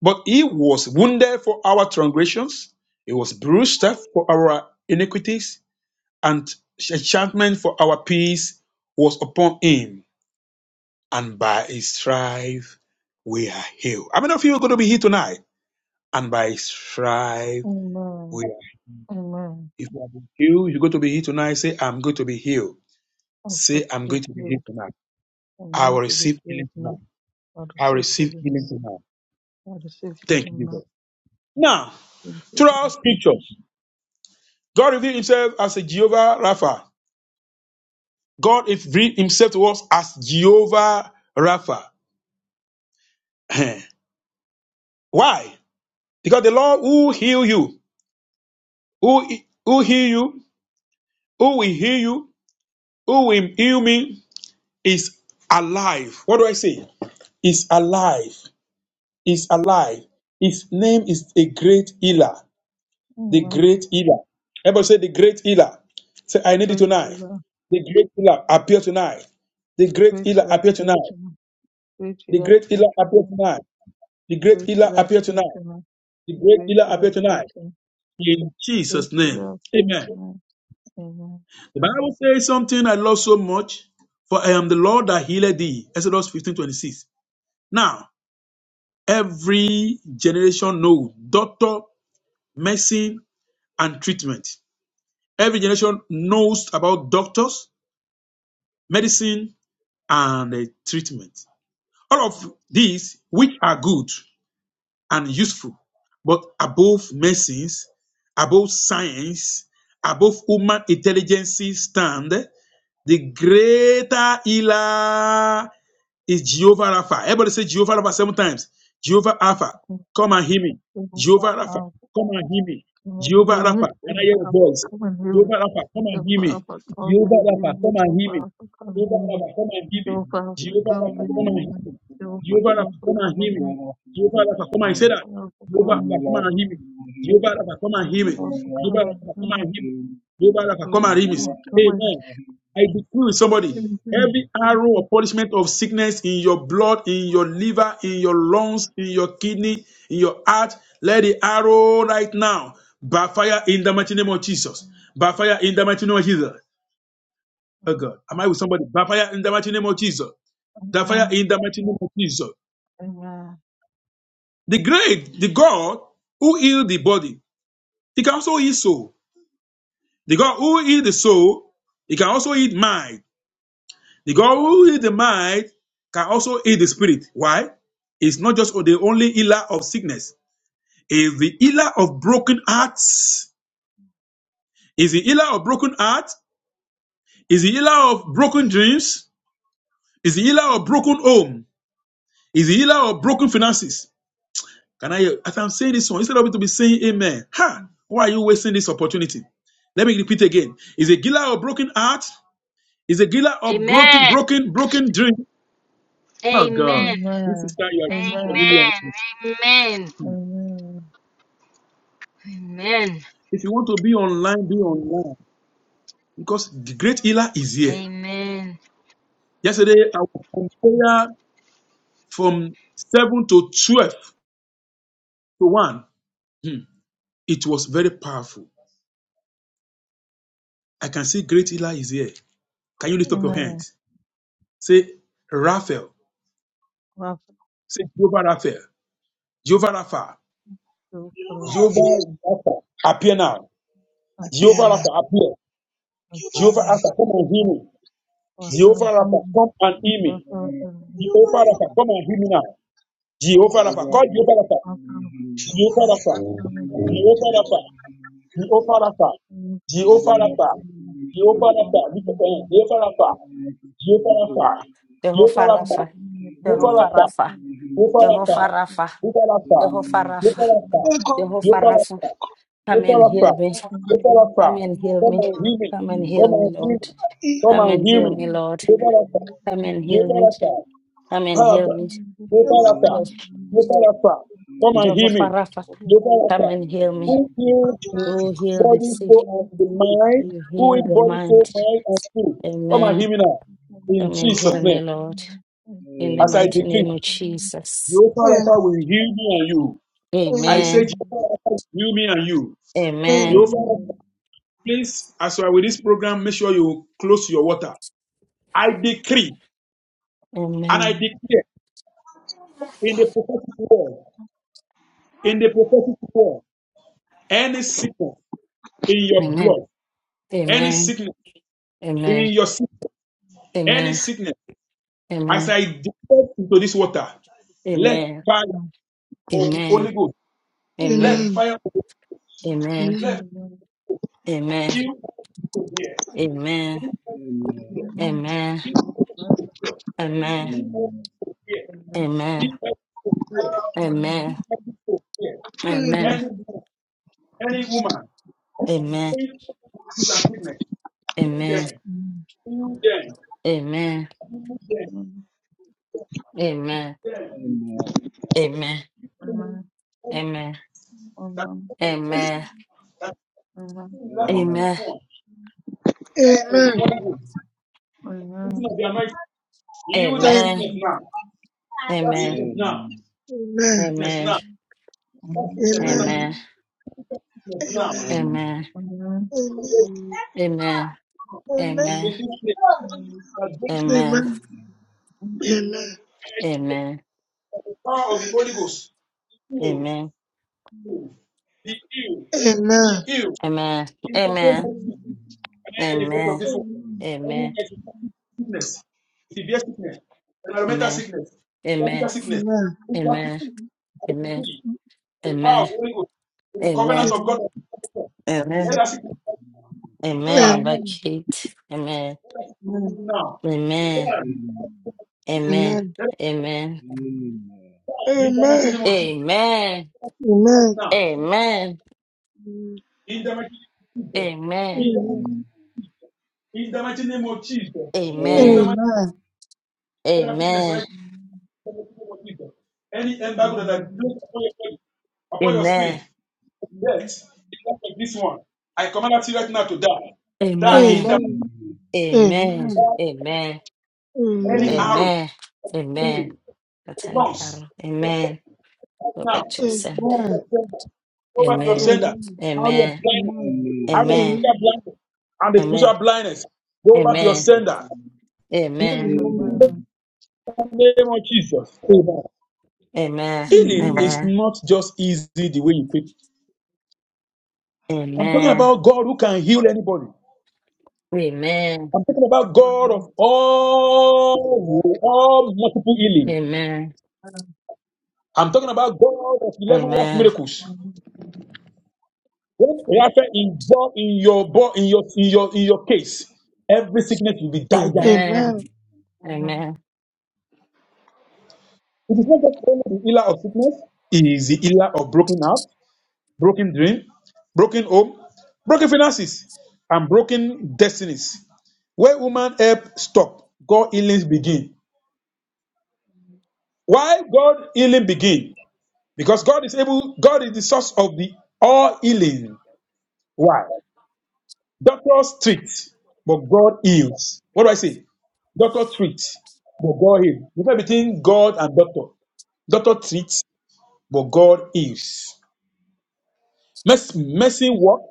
Speaker 2: But he was wounded for our transgressions, he was bruised for our iniquities, and enchantment for our peace was upon him. And by his stripe we are healed. How many of you are going to be healed tonight? And by his stripe we
Speaker 3: Amen.
Speaker 2: are healed.
Speaker 3: Amen.
Speaker 2: If you have been healed, you're going to be healed tonight. Say, I'm going to be healed.
Speaker 3: I'm
Speaker 2: Say,
Speaker 3: quick to
Speaker 2: I'm
Speaker 3: be
Speaker 2: going to be healed
Speaker 3: healed.
Speaker 2: tonight.
Speaker 3: I'm
Speaker 2: I
Speaker 3: going
Speaker 2: will
Speaker 3: to be
Speaker 2: receive
Speaker 3: healed
Speaker 2: healing
Speaker 3: now.
Speaker 2: tonight.
Speaker 3: I
Speaker 2: I will
Speaker 3: receive
Speaker 2: receive
Speaker 3: healing
Speaker 2: healing tonight.
Speaker 3: now. I receive
Speaker 2: Thank
Speaker 3: healing
Speaker 2: you,
Speaker 3: now.
Speaker 2: Jesus. Now,
Speaker 3: Thank you, God.
Speaker 2: throughout scriptures, God revealed himself as a Jehovah Rapha. God is revealed himself to us as Jehovah Rapha. Why? Because the Lord who heal you, who who heal you, who will heal you, who will heal me is alive. What do I say? Is alive. Is alive. His name is a great healer. The
Speaker 3: Amen.
Speaker 2: great healer. Everybody say the great healer. Say, I need it
Speaker 3: Great
Speaker 2: tonight.
Speaker 3: healer,
Speaker 2: The great healer appear tonight. The great
Speaker 3: great
Speaker 2: healer
Speaker 3: healer,
Speaker 2: appear tonight.
Speaker 3: Pietro, great
Speaker 2: The
Speaker 3: healer,
Speaker 2: great healer appear
Speaker 3: Pietro,
Speaker 2: tonight. The great
Speaker 3: great
Speaker 2: healer
Speaker 3: healer,
Speaker 2: appear tonight.
Speaker 3: Pietro,
Speaker 2: The great
Speaker 3: great
Speaker 2: healer
Speaker 3: healer,
Speaker 2: appeared tonight.
Speaker 3: Pietro,
Speaker 2: In
Speaker 3: great
Speaker 2: Jesus' name.
Speaker 3: healer,
Speaker 2: Amen.
Speaker 3: Pietro. Amen.
Speaker 2: The Bible says something I love so much. For I am the Lord that healed thee. Exodus 15:26. Now, every generation knows doctor, medicine, and treatment. Every generation knows about doctors, medicine, and uh, treatment. All of these, which are good. and useful. But above medicines, above science, above human intelligence stand the greater healer is Jehovah Rapha. Everybody say Jehovah Rapha seven times. Jehovah Rapha,
Speaker 3: Thank
Speaker 2: come and hear me.
Speaker 3: you,
Speaker 2: Jehovah
Speaker 3: Jehovah
Speaker 2: Rapha,
Speaker 3: Alpha.
Speaker 2: come and hear me.
Speaker 3: Come and
Speaker 2: Jehovah
Speaker 3: heal me,
Speaker 2: Rapha, can I hear
Speaker 3: Jehovah
Speaker 2: your
Speaker 3: Alpha.
Speaker 2: voice?
Speaker 3: Come and heal
Speaker 2: Jehovah
Speaker 3: me,
Speaker 2: Rapha, come and hear
Speaker 3: Jehovah
Speaker 2: me.
Speaker 3: Alpha. Come
Speaker 2: Jehovah
Speaker 3: and
Speaker 2: Rapha,
Speaker 3: heal me,
Speaker 2: come and
Speaker 3: Jehovah
Speaker 2: hear me.
Speaker 3: Alpha. Come and
Speaker 2: Jehovah
Speaker 3: heal me,
Speaker 2: Rapha, come and hear
Speaker 4: Jai
Speaker 2: me.
Speaker 3: Jehovah Alpha.
Speaker 2: Jehovah
Speaker 3: Come
Speaker 2: Rapha,
Speaker 3: and
Speaker 2: come and
Speaker 3: heal
Speaker 4: Ram,
Speaker 2: hear
Speaker 3: me,
Speaker 2: me.
Speaker 3: Jehovah
Speaker 2: Jehovah Rapha,
Speaker 3: Alpha.
Speaker 2: come and
Speaker 3: Come
Speaker 2: hear
Speaker 3: and
Speaker 2: me.
Speaker 3: heal me.
Speaker 2: Jehovah Rapha, come and
Speaker 3: the
Speaker 2: say that. Jehovah Rapha,
Speaker 3: overcoming,
Speaker 2: come and
Speaker 3: the
Speaker 2: hear me. Jehovah Rapha, come and hear me. Jehovah
Speaker 3: overcoming,
Speaker 2: Rapha, come and
Speaker 3: the
Speaker 2: hear me. Jehovah Rapha, come and hear me.
Speaker 3: overcoming.
Speaker 2: Amen. I decree with somebody
Speaker 3: Amen.
Speaker 2: every arrow or punishment of sickness in your blood, in your liver, in your lungs, in your kidney, in your heart, let the arrow right now backfire in the mighty name of Jesus. Backfire in the mighty name of Jesus. Oh God, am I with somebody? Backfire in the mighty name of Jesus. Backfire
Speaker 3: Amen.
Speaker 2: in the mighty name of Jesus.
Speaker 3: Amen.
Speaker 2: The great, the God who healed the body, he can also heal soul. The God who healed the soul, he can also heal mind. The God who heals the mind can also heal the spirit. Why? It's not just the only healer of sickness. Is the healer of broken hearts. Is the healer of broken heart. Is the healer of broken dreams. Is the healer of broken home. Is the healer of broken finances. Can I? As I'm saying this one, instead of me to be saying Amen, ha! Why are you wasting this opportunity? Let me repeat again. Is a healer of broken heart. Is a healer of growth,
Speaker 5: Amen.
Speaker 2: broken, broken dream. Oh
Speaker 5: Amen.
Speaker 2: God, this
Speaker 3: Amen.
Speaker 2: sister,
Speaker 3: Amen.
Speaker 2: you
Speaker 5: Amen.
Speaker 2: are.
Speaker 5: Amen.
Speaker 3: Amen.
Speaker 5: Amen.
Speaker 2: If you want to be online, be online because the great healer is here.
Speaker 5: Amen.
Speaker 2: Yesterday, I was on prayer from 7 to 12 to 1. Hmm. It was very powerful. I can see great healer is here. Can you lift up your
Speaker 3: Amen.
Speaker 2: hands? Say, Raphael.
Speaker 3: Rafa,
Speaker 2: Say, Jehovah Raphael. Jehovah Rapha.
Speaker 3: do
Speaker 6: Amen. Amen. Amen. Amen. Amen. Amen.
Speaker 3: Rafa,
Speaker 2: Jehovah Rapha. Appear now. Jehovah
Speaker 3: Ampina,
Speaker 2: Rapha, appear. Jehovah
Speaker 3: Ampina,
Speaker 2: Rapha, come and heal me. Jehovah
Speaker 3: Rafa,
Speaker 2: Rapha,
Speaker 3: Him,
Speaker 2: come and heal me.
Speaker 3: Rafa, Him,
Speaker 2: Jehovah Rapha, come and heal me now. Jehovah Rapha, call Jehovah Rapha.
Speaker 3: Rafa,
Speaker 2: Jehovah
Speaker 3: Rafa,
Speaker 2: Rapha,
Speaker 3: come and do that.
Speaker 2: Jehovah Rapha, Jehovah Rapha, Jehovah
Speaker 4: Jai
Speaker 2: Rapha,
Speaker 3: Rafa, come and do that. Rafa,
Speaker 2: Jehovah
Speaker 3: come
Speaker 2: Rapha, look
Speaker 3: and
Speaker 2: at him,
Speaker 3: do
Speaker 2: Jehovah
Speaker 3: that.
Speaker 2: Rapha, Jehovah Rapha, Jehovah
Speaker 1: Jehovah
Speaker 3: Come
Speaker 2: Rapha,
Speaker 1: Rapha.
Speaker 3: and
Speaker 2: Jehovah
Speaker 1: Jehovah
Speaker 2: Rapha,
Speaker 3: do that.
Speaker 1: Rapha.
Speaker 2: Jehovah Rapha,
Speaker 1: Jehovah
Speaker 3: Thank
Speaker 1: Rapha.
Speaker 2: Jehovah Rapha,
Speaker 1: Jehovah Rapha,
Speaker 2: Jehovah Rapha,
Speaker 4: Ram,
Speaker 1: Jehovah
Speaker 2: Jehovah
Speaker 1: Rapha,
Speaker 2: Rapha,
Speaker 1: come
Speaker 2: Jehovah
Speaker 1: and
Speaker 4: Amen.
Speaker 2: Rapha,
Speaker 4: Amen.
Speaker 1: heal me.
Speaker 2: Jehovah Rapha,
Speaker 1: Come and heal
Speaker 2: come
Speaker 1: me.
Speaker 2: and hear me,
Speaker 1: Come and
Speaker 4: Amen. Amen.
Speaker 2: come
Speaker 1: heal me,
Speaker 2: and hear
Speaker 1: Lord.
Speaker 2: me, come
Speaker 1: Come
Speaker 2: and
Speaker 1: and
Speaker 2: hear
Speaker 1: heal
Speaker 2: me,
Speaker 1: me, Lord.
Speaker 4: Amen. Amen.
Speaker 2: Jehovah Rapha,
Speaker 1: Come and heal
Speaker 2: Jehovah
Speaker 1: me.
Speaker 2: Rapha,
Speaker 4: Amen.
Speaker 1: Come and
Speaker 2: Jehovah
Speaker 1: heal
Speaker 2: Rapha,
Speaker 1: me.
Speaker 4: Amen. Amen.
Speaker 2: Jehovah Rapha,
Speaker 1: Yes.
Speaker 4: Amen.
Speaker 2: Jehovah Rapha, come and
Speaker 1: Jehovah
Speaker 2: hear me,
Speaker 1: Rapha, come
Speaker 2: Developer,
Speaker 1: and heal me.
Speaker 2: who heals the
Speaker 1: You heal the
Speaker 2: body, soul,
Speaker 1: sick.
Speaker 2: and the mind,
Speaker 1: You
Speaker 2: who
Speaker 1: heal
Speaker 2: in
Speaker 1: the
Speaker 2: body, soul,
Speaker 1: mind.
Speaker 2: mind, and spirit. Come and hear
Speaker 1: Amen.
Speaker 2: me now. In
Speaker 1: Come and
Speaker 2: Jesus'
Speaker 1: heal me,
Speaker 2: name,
Speaker 1: Lord. In the
Speaker 2: as I
Speaker 1: mighty
Speaker 2: decree,
Speaker 1: name of Jesus.
Speaker 2: Jehovah Rapha will heal me and you. I say,
Speaker 1: Amen.
Speaker 2: Jehovah Rapha will heal me and you.
Speaker 1: Amen.
Speaker 2: Jehovah Rapha, please, as you are with this program, make sure you close your water. I decree and I
Speaker 1: Amen.
Speaker 2: declare in the prophetic world, in the prophetic world, any sickness in your
Speaker 1: Amen.
Speaker 2: blood, any
Speaker 1: Amen.
Speaker 2: sickness
Speaker 1: Amen.
Speaker 2: in your system, any
Speaker 1: Amen.
Speaker 2: sickness As
Speaker 1: Amen.
Speaker 2: I descend into this water, let
Speaker 1: Amen.
Speaker 2: fire of the
Speaker 1: Amen.
Speaker 2: Holy Ghost, let
Speaker 1: Amen.
Speaker 2: fire of the
Speaker 1: Amen.
Speaker 2: let
Speaker 1: Amen.
Speaker 2: him here,
Speaker 1: Amen.
Speaker 2: him here,
Speaker 1: Amen.
Speaker 2: him here, him here,
Speaker 1: Amen.
Speaker 2: him
Speaker 1: Amen. Amen.
Speaker 2: here,
Speaker 1: Amen.
Speaker 2: him here, any
Speaker 1: Amen.
Speaker 2: any woman, that is going through disease sickness,
Speaker 1: Amen.
Speaker 2: heal them,
Speaker 1: Amen.
Speaker 2: heal them,
Speaker 1: Amen.
Speaker 2: heal
Speaker 1: Amen. Amen.
Speaker 2: them, them.
Speaker 1: Amen.
Speaker 2: That
Speaker 3: you.
Speaker 2: that
Speaker 1: Amen.
Speaker 2: that is
Speaker 3: Amen.
Speaker 2: the life of
Speaker 1: Amen.
Speaker 2: one, all of the Holy Ghost. Even
Speaker 3: Amen.
Speaker 2: of the anointing.
Speaker 1: Amen. Amen.
Speaker 2: Heal that
Speaker 1: Amen.
Speaker 2: sickness now.
Speaker 1: Amen.
Speaker 2: That
Speaker 1: Amen.
Speaker 2: sickness now.
Speaker 1: Amen. Amen.
Speaker 2: Sickness now. That sickness now.
Speaker 1: Amen.
Speaker 6: Amen.
Speaker 2: That sickness
Speaker 4: Amen. Amen.
Speaker 2: now.
Speaker 6: Amen.
Speaker 2: In
Speaker 6: Amen.
Speaker 2: this place, that brings you to the power of the Holy Ghost. Heal.
Speaker 1: Amen. Amen. Amen.
Speaker 2: Be healed. Be healed.
Speaker 1: Amen.
Speaker 2: In the
Speaker 1: Amen.
Speaker 2: name of
Speaker 6: Amen.
Speaker 2: Jesus. Can I hear the voice of this one?
Speaker 6: Amen. Amen.
Speaker 2: Anyone that is having sickness, severe sickness, environmental sickness, physical sickness,
Speaker 6: Amen.
Speaker 2: physical
Speaker 1: Amen.
Speaker 2: sickness,
Speaker 1: Amen. Amen.
Speaker 2: I
Speaker 1: Amen.
Speaker 2: decree the power
Speaker 1: Amen.
Speaker 2: of the Holy Ghost, the covenant
Speaker 1: Amen.
Speaker 6: Amen.
Speaker 2: of God, let
Speaker 1: Amen.
Speaker 2: us die.
Speaker 1: Amen.
Speaker 6: Amen.
Speaker 1: By
Speaker 2: Let
Speaker 1: Kate. Amen.
Speaker 2: us die
Speaker 6: Amen.
Speaker 2: now. Die.
Speaker 1: Amen. Amen.
Speaker 6: Amen.
Speaker 2: Let us
Speaker 1: Amen.
Speaker 2: die in the mighty
Speaker 6: Amen.
Speaker 2: name of Jesus.
Speaker 1: Amen.
Speaker 2: Right now.
Speaker 1: Amen.
Speaker 2: In the mighty name of
Speaker 1: Amen.
Speaker 2: Jesus.
Speaker 6: Amen.
Speaker 2: In the mighty name of Jesus. In the mighty name of Jesus. In the
Speaker 1: Amen.
Speaker 2: mighty
Speaker 6: Amen.
Speaker 1: Amen.
Speaker 2: name of sickness,
Speaker 1: Amen.
Speaker 2: right? In the mighty name of Jesus. Any embargo that I place upon your body, upon your
Speaker 1: Amen.
Speaker 2: spirit, death, in light of this one, I command that spirit right now to die. Die in
Speaker 1: Amen.
Speaker 2: the
Speaker 6: Amen. Amen.
Speaker 1: Amen.
Speaker 4: Amen.
Speaker 2: any arrow,
Speaker 4: Amen.
Speaker 1: Amen. Amen.
Speaker 2: any
Speaker 1: Botanic
Speaker 2: lungs,
Speaker 1: arrow. Amen. Go back
Speaker 2: now,
Speaker 1: to your
Speaker 6: Amen.
Speaker 2: over
Speaker 1: send.
Speaker 2: your
Speaker 6: Amen.
Speaker 2: sender, over your
Speaker 1: Amen.
Speaker 2: sender, arrow of
Speaker 1: Amen.
Speaker 2: blindness,
Speaker 6: Amen.
Speaker 4: Amen.
Speaker 2: arrow of
Speaker 1: Amen.
Speaker 2: physical blindness, and the
Speaker 1: Amen.
Speaker 2: spiritual blindness. Go back to your
Speaker 1: Amen.
Speaker 4: Yes,
Speaker 2: sender.
Speaker 4: Lord.
Speaker 6: Amen. Amen. Amen.
Speaker 1: Amen. Amen.
Speaker 4: Amen.
Speaker 2: the name of Jesus. Amen.
Speaker 1: Amen.
Speaker 2: Healing
Speaker 4: Amen.
Speaker 2: is not just easy the way you think. I'm talking
Speaker 1: Amen.
Speaker 2: about God who can heal anybody.
Speaker 1: Amen.
Speaker 2: I'm talking about God of all, all multiple healing.
Speaker 1: Amen.
Speaker 2: I'm talking about God of 11 last
Speaker 1: Amen.
Speaker 2: miracles. When Raphael involved in your, bo- in your, in your, in your case, every sickness will be died
Speaker 4: Amen.
Speaker 6: Amen.
Speaker 2: down.
Speaker 1: Amen.
Speaker 4: Amen.
Speaker 1: Amen.
Speaker 2: It is not just only the healer of sickness, it is the healer of broken heart, broken dream, broken home, broken finances, and broken destinies. Where woman help stop, God healings begin. Why God healing begin? Because God is able, God is the source of the all healing. Why? Doctors treat, but God heals. What do I say? Doctor treats, but God heals. Difference between God and doctor. Doctor treats, but God heals. Mercy, mercy work,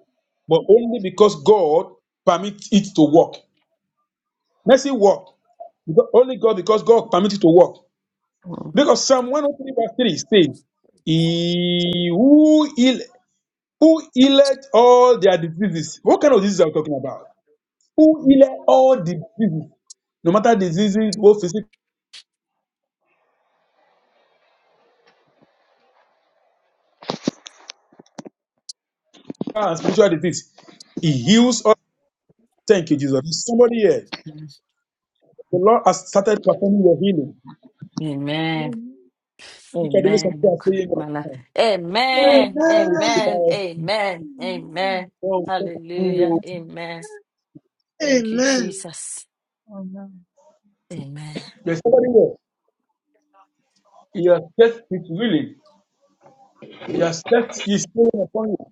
Speaker 2: but only because God permits it to work. Mercy work, because- only God because God permits it to work.
Speaker 1: Mhm.
Speaker 2: Because Psalm 103 verse 3 says, he who, heal, who healed all their diseases. What kind of diseases are we talking about? Who healed all the diseases? No matter diseases, both physical and spiritual disease. He heals all. Thank you, Jesus. There's somebody here. The Lord has started performing your healing.
Speaker 1: Amen.
Speaker 2: Look at the way some people
Speaker 1: Amen.
Speaker 2: are saying,
Speaker 1: My life.
Speaker 2: "Oh,
Speaker 1: Amen.
Speaker 2: God will take care
Speaker 1: Amen.
Speaker 2: of us.
Speaker 1: Amen. Amen.
Speaker 2: God will take care of
Speaker 7: Mm.
Speaker 1: Hallelujah.
Speaker 2: you."
Speaker 1: Amen. Thank you, Jesus. Amen.
Speaker 2: There's somebody here. He has set his willing. He has set his healing upon you.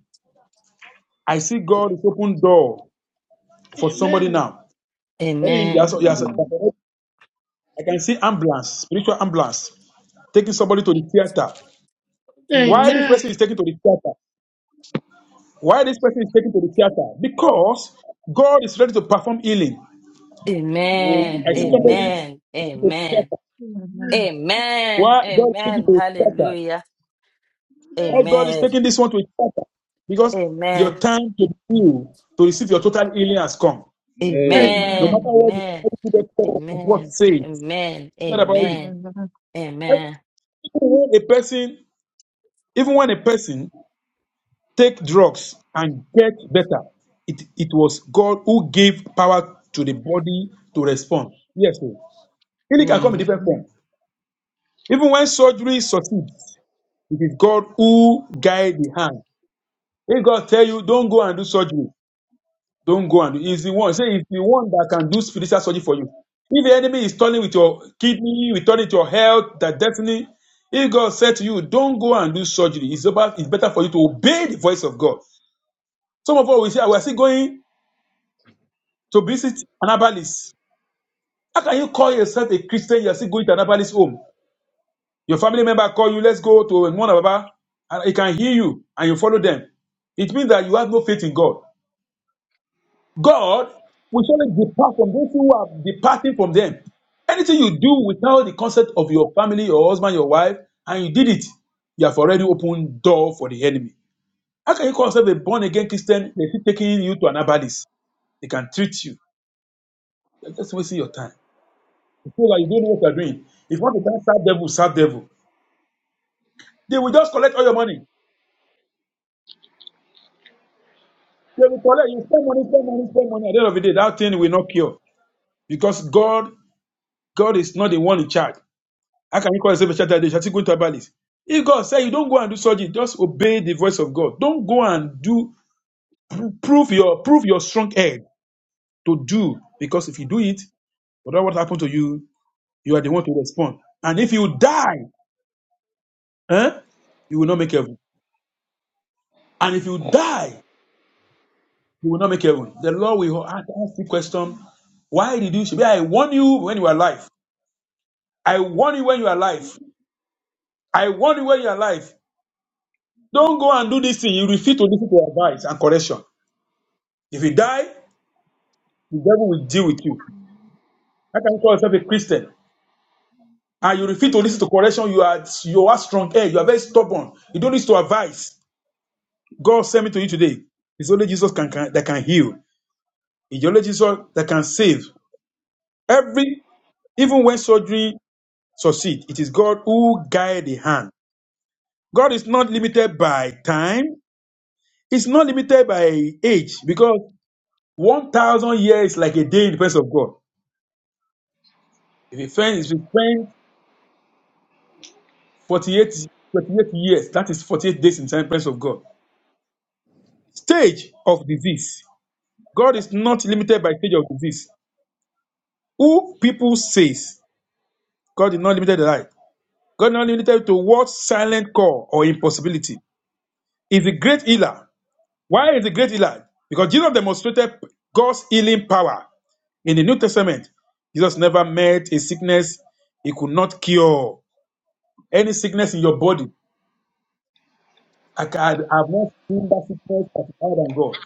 Speaker 2: I see God is open door. for somebody now. Yes,
Speaker 1: Amen.
Speaker 2: yes, yes. I can see ambulance, spiritual ambulance, taking somebody to the theater.
Speaker 6: Amen. Amen. Amen. Amen.
Speaker 1: Mm.
Speaker 2: Why this person
Speaker 6: Amen.
Speaker 2: is taken to the theater? Why this person is taken to the theater? Because God is ready to perform healing. I
Speaker 1: Amen.
Speaker 2: see somebody.
Speaker 4: Amen. Amen.
Speaker 1: Amen. Amen. Amen.
Speaker 2: Why God is taking
Speaker 1: Amen.
Speaker 2: to the theater?
Speaker 1: Hallelujah.
Speaker 2: Why God is
Speaker 1: Amen.
Speaker 2: taking this one to the theater? Because your
Speaker 1: Amen.
Speaker 2: time to be healed, to receive your total healing has come.
Speaker 6: Amen. Amen. Amen.
Speaker 4: Yes,
Speaker 2: No
Speaker 4: Lord.
Speaker 1: Amen.
Speaker 2: matter what the
Speaker 1: Amen.
Speaker 2: doctor report
Speaker 1: Amen.
Speaker 2: says, it's
Speaker 1: Amen.
Speaker 2: not about
Speaker 6: Amen.
Speaker 2: you.
Speaker 1: Amen. Amen.
Speaker 2: Even when a person, even when a person take drugs and get better. It, it was God who gave power to the body to respond. Yes, sir. Healing can
Speaker 4: I
Speaker 2: come in
Speaker 1: Hmm.
Speaker 2: different form. Even when surgery succeeds, it is God who guides the hand. If God tell you, don't go and do surgery, don't go and do. He's the one. Say, it's the one that can do spiritual surgery for you. If the enemy is turning with your kidney, returning to your health, that destiny, if God said to you, don't go and do surgery, it's, about, it's better for you to obey the voice of God. Some of us, we say, we are still going to visit an herbalist. How can you call yourself a Christian? You're still going to an herbalist home. Your family member call you, let's go to one Baba, and he can hear you, and you follow them. It means that you have no faith in God. God will surely depart from those who are departing from them. Anything you do without the consent of your family, your husband, your wife, and you did it, you have already opened door for the enemy. How can you call yourself a born again Christian? They're still taking you to an herbalist. They can treat you. They're just wasting your time. People that you don't know what you're doing. If you want to thank serve devil, serve devil. They will just collect all your money. They will collect, you spend money, spend money, spend money. At the end of the day, that thing will not cure. Because God, God is not the one in charge. How can you call yourself a child that they shall still go into abalis? If God said you don't go and do surgery, just obey the voice of God. Don't go and do pro- prove your prove your strong head to do. Because if you do it, whatever what happened to you, you are the one to respond. And if you die, eh, you will not make heaven. And if you die, He will not make heaven. The Lord will ask, the question, why did you should I warn you when you are alive. I warn you when you are alive. I warn you when you are alive. Don't go and do this thing. You refuse to listen to advice and correction. If you die, the devil will deal with you. How can you call yourself a Christian? And you refuse to listen to correction. You are you are strong head. You are very stubborn. You don't listen to advice. God sent me to you today. It's only Jesus can, can that can heal. It's only Jesus that can save. Every even when surgery succeed. It is God who guide the hand. God is not limited by time. It's not limited by age because 1,000 years is like a day in the presence of God. If a friend is with friend 48, forty-eight years, that is 48 days in the presence of God. Stage of disease. God is not limited by stage of disease. Who people says God is not limited to life. God is not limited to what silent call or impossibility. Is a great healer Why is the great healer? Because Jesus demonstrated God's healing power in the New Testament. Jesus never met a sickness he could not cure. Any sickness in your body, I can, I have not seen that sickness that is higher than God.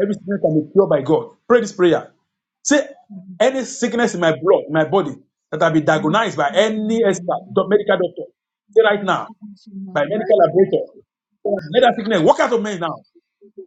Speaker 2: Every sickness can be cured by God. Pray this prayer. Say, any sickness in my blood, in my body, that I be
Speaker 3: you,
Speaker 2: diagnosed by any expert, doc- medical doctor, say right now, by medical
Speaker 8: Right.
Speaker 2: laboratory, let that sickness walk out of me now.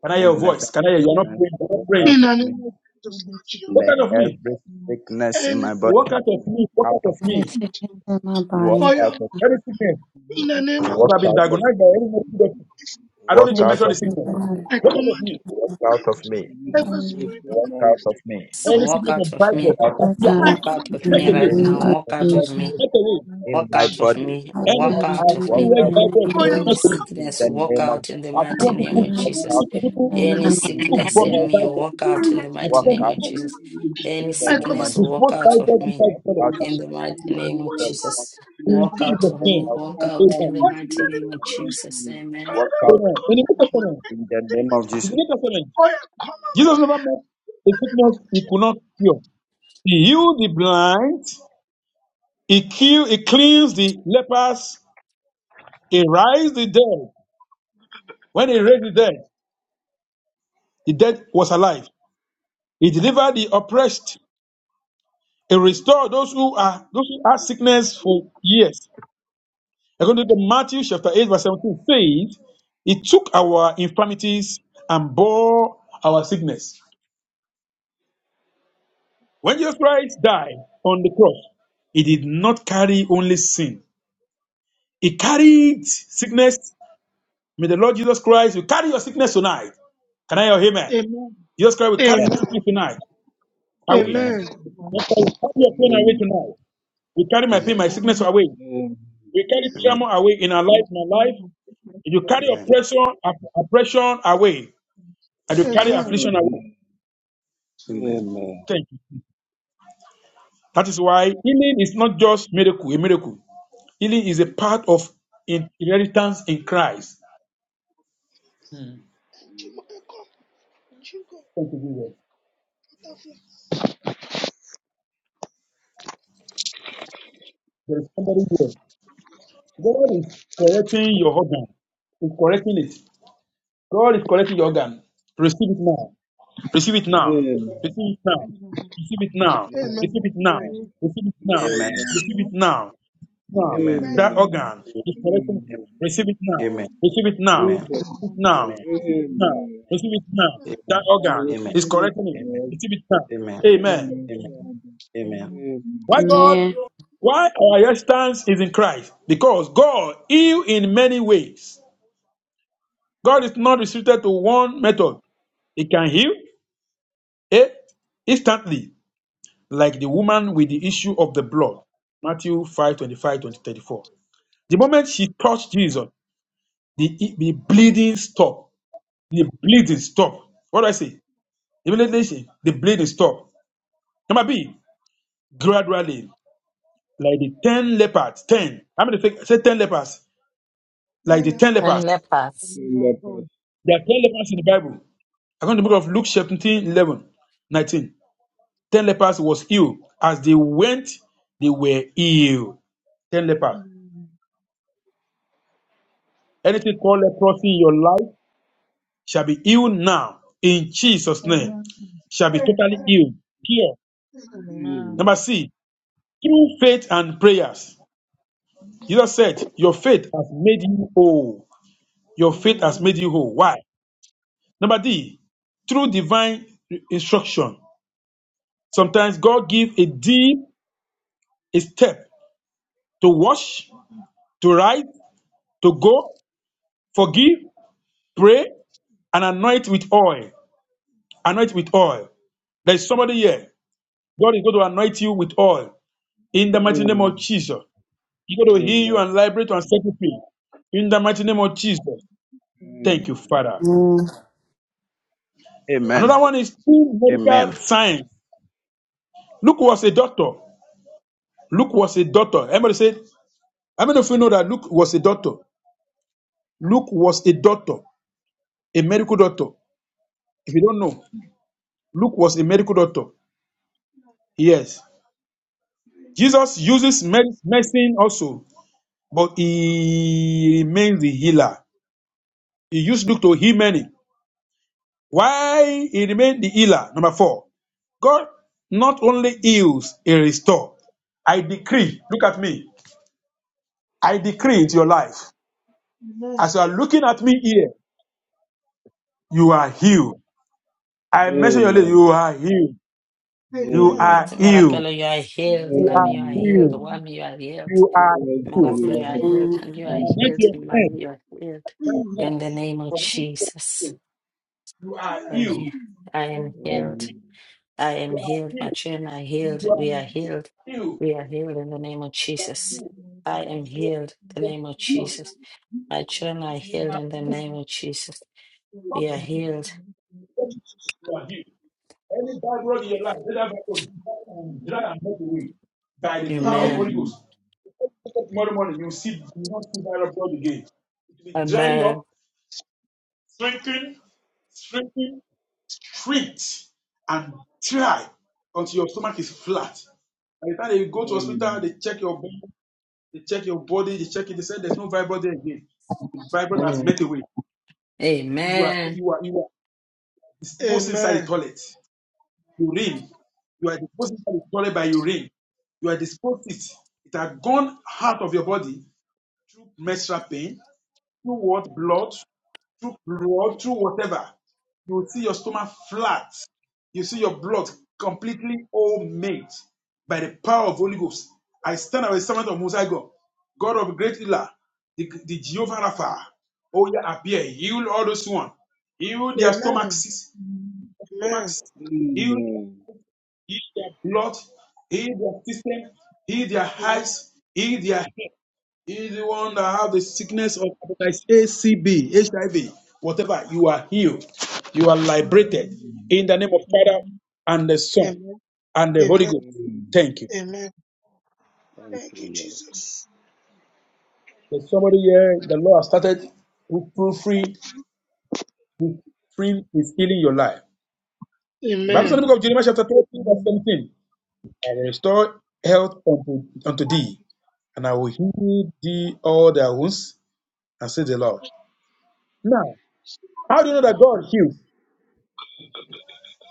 Speaker 2: Can I hear your
Speaker 6: Amen.
Speaker 8: Let
Speaker 2: voice?
Speaker 8: every
Speaker 2: Can I hear you? are not
Speaker 8: sickness
Speaker 2: praying. You're not
Speaker 8: walk
Speaker 2: praying.
Speaker 8: out
Speaker 6: In
Speaker 8: of
Speaker 6: the
Speaker 8: me.
Speaker 6: name of Jesus, Lord Jehovah.
Speaker 2: Walk out
Speaker 8: Let
Speaker 2: of me.
Speaker 8: every sickness in
Speaker 6: And
Speaker 8: my body
Speaker 2: What out of me?
Speaker 8: walk
Speaker 2: What
Speaker 8: out
Speaker 2: out of
Speaker 8: of me.
Speaker 7: Every
Speaker 2: me?
Speaker 7: sickness in my
Speaker 8: Walk
Speaker 7: body,
Speaker 6: fire,
Speaker 8: out of
Speaker 2: Any sickness
Speaker 6: in the name
Speaker 8: me.
Speaker 6: of
Speaker 2: that
Speaker 8: Walk
Speaker 2: I've been
Speaker 8: out
Speaker 2: diagnosed
Speaker 8: of me.
Speaker 2: by any medical doctor,
Speaker 6: Jesus,
Speaker 2: I don't
Speaker 8: Walk
Speaker 2: need to
Speaker 6: mighty
Speaker 7: every
Speaker 8: out
Speaker 2: mention the
Speaker 8: of
Speaker 7: sickness
Speaker 8: me.
Speaker 2: sickness.
Speaker 7: in my
Speaker 6: I
Speaker 2: What out of
Speaker 6: command you,
Speaker 2: me?
Speaker 8: Walk out of me.
Speaker 4: worship
Speaker 6: every
Speaker 7: body,
Speaker 4: you,
Speaker 6: spirit of the
Speaker 8: Walk
Speaker 4: my
Speaker 8: out
Speaker 6: person,
Speaker 8: of
Speaker 4: body,
Speaker 8: me.
Speaker 4: for
Speaker 1: So
Speaker 6: every
Speaker 2: Any
Speaker 4: my
Speaker 1: walk
Speaker 2: sickness
Speaker 6: spirit, of
Speaker 1: out
Speaker 4: prayer
Speaker 2: of
Speaker 1: of
Speaker 4: and
Speaker 2: Bible,
Speaker 1: me.
Speaker 4: my
Speaker 8: Out of
Speaker 7: work
Speaker 8: me.
Speaker 2: appear,
Speaker 7: out
Speaker 6: I
Speaker 1: Walk
Speaker 7: of
Speaker 1: out
Speaker 6: command
Speaker 4: prayer.
Speaker 7: harm
Speaker 6: you,
Speaker 1: of
Speaker 7: in
Speaker 2: make
Speaker 1: me
Speaker 7: the
Speaker 2: away,
Speaker 1: right
Speaker 8: Any
Speaker 7: name
Speaker 1: now.
Speaker 7: of
Speaker 1: Walk
Speaker 8: sickness
Speaker 6: in
Speaker 1: out
Speaker 6: the
Speaker 1: of
Speaker 4: Lord, I
Speaker 6: name
Speaker 1: me.
Speaker 4: pray
Speaker 7: Jesus.
Speaker 2: make
Speaker 4: that
Speaker 2: away.
Speaker 4: God help
Speaker 8: in
Speaker 1: Walk
Speaker 4: me
Speaker 6: of
Speaker 8: my
Speaker 4: be
Speaker 1: out
Speaker 4: my
Speaker 6: Jesus,
Speaker 1: of
Speaker 8: body.
Speaker 4: body.
Speaker 1: me.
Speaker 7: Work
Speaker 4: Come
Speaker 2: Any
Speaker 1: Walk
Speaker 7: out
Speaker 4: back
Speaker 7: of
Speaker 2: I
Speaker 4: to
Speaker 1: out of
Speaker 7: harm
Speaker 4: me,
Speaker 8: Walk
Speaker 7: in
Speaker 3: Amen.
Speaker 1: me.
Speaker 2: feel like
Speaker 8: out
Speaker 3: Amen.
Speaker 8: of
Speaker 4: Father,
Speaker 7: the
Speaker 8: me.
Speaker 2: Bible,
Speaker 7: name
Speaker 4: in the mighty
Speaker 6: fire,
Speaker 4: name
Speaker 7: of
Speaker 1: Any
Speaker 2: make
Speaker 6: walk
Speaker 4: of
Speaker 2: away.
Speaker 7: Jesus.
Speaker 6: out.
Speaker 8: In
Speaker 1: sickness,
Speaker 8: the
Speaker 4: Jesus.
Speaker 1: walk
Speaker 8: name of
Speaker 1: out in
Speaker 8: Jesus.
Speaker 1: the
Speaker 2: I
Speaker 6: I
Speaker 1: mighty
Speaker 2: feel
Speaker 4: Let
Speaker 1: name
Speaker 6: command you,
Speaker 2: people,
Speaker 4: the
Speaker 1: of
Speaker 7: Any
Speaker 8: Walk
Speaker 4: Lord
Speaker 8: out
Speaker 1: Jesus.
Speaker 8: of
Speaker 7: sickness
Speaker 4: and
Speaker 2: people
Speaker 3: Amen.
Speaker 6: in
Speaker 7: in
Speaker 6: the
Speaker 7: my
Speaker 1: Any
Speaker 6: name of
Speaker 8: me. In
Speaker 4: affliction
Speaker 2: who
Speaker 4: with
Speaker 8: the
Speaker 4: the
Speaker 1: sickness
Speaker 8: name
Speaker 1: in
Speaker 2: vomit
Speaker 8: of
Speaker 4: life
Speaker 1: me,
Speaker 7: body.
Speaker 4: of
Speaker 2: Bible,
Speaker 1: walk out in the
Speaker 4: sickness
Speaker 2: I
Speaker 4: and
Speaker 1: mighty
Speaker 8: Walk
Speaker 2: feel people
Speaker 1: name
Speaker 8: out
Speaker 1: of
Speaker 8: of me.
Speaker 1: Jesus.
Speaker 4: every
Speaker 6: Jesus,
Speaker 8: In
Speaker 1: Any
Speaker 4: disease
Speaker 8: the
Speaker 4: in
Speaker 6: I
Speaker 4: my
Speaker 8: name
Speaker 6: command
Speaker 1: sickness,
Speaker 8: of
Speaker 6: you,
Speaker 4: body.
Speaker 6: to
Speaker 1: walk
Speaker 6: walk
Speaker 2: dispose
Speaker 1: out
Speaker 6: out.
Speaker 1: of
Speaker 2: Bible
Speaker 4: Let
Speaker 1: me
Speaker 2: inside
Speaker 4: us
Speaker 8: Walk
Speaker 2: the toilet.
Speaker 4: now
Speaker 8: out of
Speaker 4: by
Speaker 6: Yes,
Speaker 1: in the
Speaker 8: me.
Speaker 1: mighty
Speaker 4: fire
Speaker 6: Lord,
Speaker 1: name
Speaker 4: in
Speaker 1: of
Speaker 8: In
Speaker 6: what
Speaker 4: the
Speaker 8: the
Speaker 4: mighty
Speaker 8: name
Speaker 4: name
Speaker 6: about
Speaker 8: of
Speaker 1: Jesus.
Speaker 4: of
Speaker 6: this?
Speaker 4: Jesus.
Speaker 2: In
Speaker 6: I
Speaker 1: Walk out
Speaker 6: am
Speaker 2: Jesus'
Speaker 1: of
Speaker 8: Walk
Speaker 2: name,
Speaker 1: me.
Speaker 8: out of me.
Speaker 1: Walk out
Speaker 4: Lord,
Speaker 2: Amen.
Speaker 1: in the
Speaker 6: what
Speaker 4: in
Speaker 6: is
Speaker 8: In
Speaker 1: mighty
Speaker 8: the
Speaker 6: that in
Speaker 1: name
Speaker 4: Jesus'
Speaker 8: name
Speaker 6: the
Speaker 1: of
Speaker 8: of-
Speaker 6: call of
Speaker 4: mighty
Speaker 6: you?
Speaker 1: Jesus.
Speaker 4: name.
Speaker 1: Amen.
Speaker 8: Walk
Speaker 6: Father,
Speaker 8: out
Speaker 6: Lord,
Speaker 2: Amen.
Speaker 6: God,
Speaker 2: In the New
Speaker 6: I command
Speaker 2: Testament,
Speaker 6: you,
Speaker 8: in the name
Speaker 6: sickness,
Speaker 8: of
Speaker 2: in the
Speaker 8: Jesus.
Speaker 2: New Testament,
Speaker 6: Oh yeah, come on,
Speaker 2: Jesus never met a sickness he could not cure. He healed the blind. He killed, he cleansed the lepers, he raised the dead. When he raised the dead, the dead was alive. He delivered the oppressed. He restored those who are those who had sickness for years. According to Matthew chapter 8, verse 17 says, He took our infirmities and bore our sickness. When Jesus Christ died on the cross, he did not carry only sin. He carried sickness. May the Lord Jesus Christ will carry your sickness tonight. Can I hear amen? Jesus Christ will
Speaker 6: my
Speaker 2: carry
Speaker 6: friend. Amen.
Speaker 2: my
Speaker 6: Amen.
Speaker 2: sickness tonight away.
Speaker 8: Amen.
Speaker 6: Amen.
Speaker 2: Jesus Christ will carry your pain away
Speaker 4: Amen.
Speaker 2: tonight. We carry my
Speaker 8: Amen.
Speaker 2: pain, my sickness away.
Speaker 4: Amen.
Speaker 2: We carry
Speaker 8: Amen.
Speaker 2: trauma away in our life, in our life. And you carry
Speaker 8: Amen.
Speaker 2: oppression, opp- oppression away, and you carry
Speaker 8: Amen.
Speaker 6: Amen.
Speaker 2: affliction away.
Speaker 8: Amen.
Speaker 4: Amen.
Speaker 2: Thank you. That is why healing is not just miracle, a miracle. Healing is a part of in- inheritance in Christ.
Speaker 6: Chimo Eko. Chico
Speaker 2: Thank you, Jesus.
Speaker 6: Butterfly.
Speaker 2: There is somebody here. God is correcting your organ. He's correcting it. God is correcting your organ. Receive it now. Receive it
Speaker 4: Amen.
Speaker 2: now.
Speaker 4: Amen.
Speaker 2: Receive it now. Receive it now.
Speaker 6: Amen.
Speaker 2: Receive it now.
Speaker 6: Right.
Speaker 2: Receive it
Speaker 8: Amen.
Speaker 2: now.
Speaker 8: Amen.
Speaker 2: Receive
Speaker 4: Amen. Amen.
Speaker 2: it now. Now.
Speaker 8: Amen.
Speaker 2: That
Speaker 6: Amen.
Speaker 4: Amen.
Speaker 2: organ is collecting.
Speaker 6: Amen.
Speaker 4: Amen.
Speaker 2: Receive it now.
Speaker 8: Amen.
Speaker 2: Receive it
Speaker 8: Amen.
Speaker 2: now.
Speaker 8: Amen. Amen.
Speaker 4: Jesus'
Speaker 2: Receive it now.
Speaker 4: name.
Speaker 2: Now.
Speaker 4: Amen.
Speaker 2: Receive it now. That
Speaker 4: I
Speaker 2: organ
Speaker 8: Amen.
Speaker 2: is
Speaker 4: receive it,
Speaker 2: correcting it.
Speaker 8: Amen.
Speaker 4: Lord.
Speaker 2: Receive it now.
Speaker 8: Amen.
Speaker 2: Amen.
Speaker 4: Amen, Father.
Speaker 8: Amen.
Speaker 4: Amen.
Speaker 2: Why God?
Speaker 7: Amen.
Speaker 2: Why our existence is in Christ? Because God heal in many ways. God is not restricted to one method. He can heal eh, instantly. like the woman with the issue of the blood, Matthew 5 25 to 34. The moment she touched Jesus, the, the bleeding stopped. The bleeding stopped. What do I say? Immediately, she, the bleeding stopped. Number B, gradually, like the 10 lepers, 10. How many fake- say 10 lepers?
Speaker 6: Amen. Amen.
Speaker 2: Like
Speaker 6: Amen.
Speaker 2: the 10
Speaker 1: and
Speaker 2: lepers.
Speaker 1: lepers.
Speaker 4: Fill up us.
Speaker 2: There are 10 lepers in the Bible. According to the book of Luke, chapter 11, nineteen. 10 lepers was healed. As they went, they were healed. 10 lepers. Anything called leprosy in your life? shall be healed now in Jesus' name. Shall be totally healed. Here.
Speaker 3: Amen.
Speaker 2: Number
Speaker 4: Amen.
Speaker 2: C, through faith and prayers. Jesus said, Your faith has made you whole. Your faith has made you whole. Why? Number D, through divine instruction. Sometimes God gives a deep a step to wash, to write, to go, forgive, pray, and anoint with oil. Anoint with oil. There is somebody here. God is going to anoint you with oil in the mighty name
Speaker 3: Amen.
Speaker 2: of
Speaker 4: Amen.
Speaker 2: Jesus. You're going to
Speaker 3: Amen.
Speaker 2: heal you
Speaker 4: Amen.
Speaker 2: and liberate and set you free. In the mighty name of Jesus.
Speaker 4: Amen.
Speaker 2: Thank
Speaker 3: Amen.
Speaker 2: you, Father.
Speaker 7: Amen.
Speaker 8: Amen.
Speaker 2: Another one is true
Speaker 8: Amen.
Speaker 2: medical science. Luke was a doctor. Luke was a doctor. Everybody said, how many of you know that Luke was a doctor? Luke was a doctor, a medical doctor. If you don't know, Luke was a medical doctor. Yes. Jesus uses med- medicine also, but he remains the healer. He used Luke to heal many. Why he remained the healer. Number four, God not only heals, he restores. I decree, look at me. I decree into your life. As you are looking at me here, you are healed. I mention your name, you
Speaker 4: Amen.
Speaker 3: Amen.
Speaker 2: are healed.
Speaker 6: Amen.
Speaker 2: You
Speaker 6: Amen.
Speaker 4: Amen.
Speaker 2: are
Speaker 3: Amen.
Speaker 2: healed.
Speaker 1: Mirabello, you are healed.
Speaker 2: You
Speaker 1: Lamb,
Speaker 2: are
Speaker 1: you are
Speaker 4: Amen.
Speaker 1: healed.
Speaker 2: healed.
Speaker 1: Wham,
Speaker 3: Amen.
Speaker 1: you are healed.
Speaker 2: You are
Speaker 4: generation
Speaker 2: healed.
Speaker 1: Mirabello,
Speaker 4: that I
Speaker 1: you
Speaker 4: have
Speaker 1: are
Speaker 4: in
Speaker 1: healed.
Speaker 7: Amen.
Speaker 1: And you are
Speaker 3: Amen.
Speaker 2: let
Speaker 4: Jesus'
Speaker 1: healed.
Speaker 2: your
Speaker 4: name.
Speaker 1: Man,
Speaker 2: hand
Speaker 1: you are healed.
Speaker 2: right
Speaker 6: Amen.
Speaker 2: now
Speaker 1: In the name of
Speaker 2: from this
Speaker 1: Jesus,
Speaker 2: point, you are
Speaker 1: I am
Speaker 2: healed.
Speaker 1: healed. I am
Speaker 3: Thank
Speaker 2: You are
Speaker 1: healed.
Speaker 2: healed.
Speaker 4: Amen.
Speaker 1: I am
Speaker 2: You are
Speaker 1: healed. My
Speaker 2: healed.
Speaker 1: children are healed.
Speaker 2: You are
Speaker 1: We
Speaker 3: you.
Speaker 1: are healed.
Speaker 2: healed.
Speaker 1: We are healed in the name of
Speaker 3: Thank
Speaker 1: Jesus.
Speaker 2: You are healed.
Speaker 3: you, Lord, for the mercy. Thank you, Lord, for
Speaker 1: I
Speaker 3: the
Speaker 1: am
Speaker 2: You
Speaker 1: healed in the
Speaker 3: mercy.
Speaker 1: name of Jesus. My children are healed
Speaker 3: Amen.
Speaker 2: are
Speaker 1: in the name of Jesus.
Speaker 2: healed.
Speaker 1: We are
Speaker 2: You are
Speaker 1: healed.
Speaker 2: healed. you are healed. Any bad road in your life, let that road dry and melt away by the power of
Speaker 1: Amen.
Speaker 2: Holy
Speaker 4: Amen.
Speaker 2: Ghost. Tomorrow morning, you will see, you will not see that road again. It will be drying
Speaker 1: Amen.
Speaker 2: up, shrinking, shrinking, shrinked, and dry until your stomach is flat. By the time you go to hospital, they
Speaker 4: Amen.
Speaker 2: check your body, they check your body, they check it, they say there's no vibrant there again. The vibrant has
Speaker 1: Mm.
Speaker 2: met away. You are
Speaker 1: Amen.
Speaker 2: you are you are disposed inside the
Speaker 6: Amen.
Speaker 2: toilet. urine. You are disposing that is stored by urine. You are disposed it. It had gone out of your body through menstrual pain, through what blood, through blood, through whatever. You will see your stomach flat. You see your blood completely all made by the power of Holy Ghost. I stand as a servant of Most High God, God of great healer, the, the Jehovah Rapha. Oh, yeah, appear, heal all those one, heal their
Speaker 6: Amen.
Speaker 2: stomachs,
Speaker 3: Amen.
Speaker 2: stomachs, heal their, heal their blood, heal their system, heal their eyes, heal their head. Heal the one that have the sickness of hepatitis A, C, B, H I V, whatever. You are healed. You are liberated
Speaker 4: Amen.
Speaker 2: in the name of Father
Speaker 3: Amen.
Speaker 2: and the Son
Speaker 6: Amen.
Speaker 2: and
Speaker 6: Amen.
Speaker 2: the Holy
Speaker 6: Amen.
Speaker 2: Ghost.
Speaker 4: Amen.
Speaker 2: Thank you.
Speaker 6: Amen.
Speaker 4: Thank
Speaker 6: Thank
Speaker 4: you,
Speaker 6: you,
Speaker 4: Lord.
Speaker 6: Jesus.
Speaker 2: There's somebody here. The Lord has started with through free. Free is healing your life. The Bible says
Speaker 6: Amen.
Speaker 2: in the book
Speaker 4: Amen.
Speaker 2: of Jeremiah chapter 13 verse
Speaker 3: Amen.
Speaker 2: 17. I will restore health unto, unto thee and I will heal thee all their wounds, and say the Lord. Now, how do you know that God heals?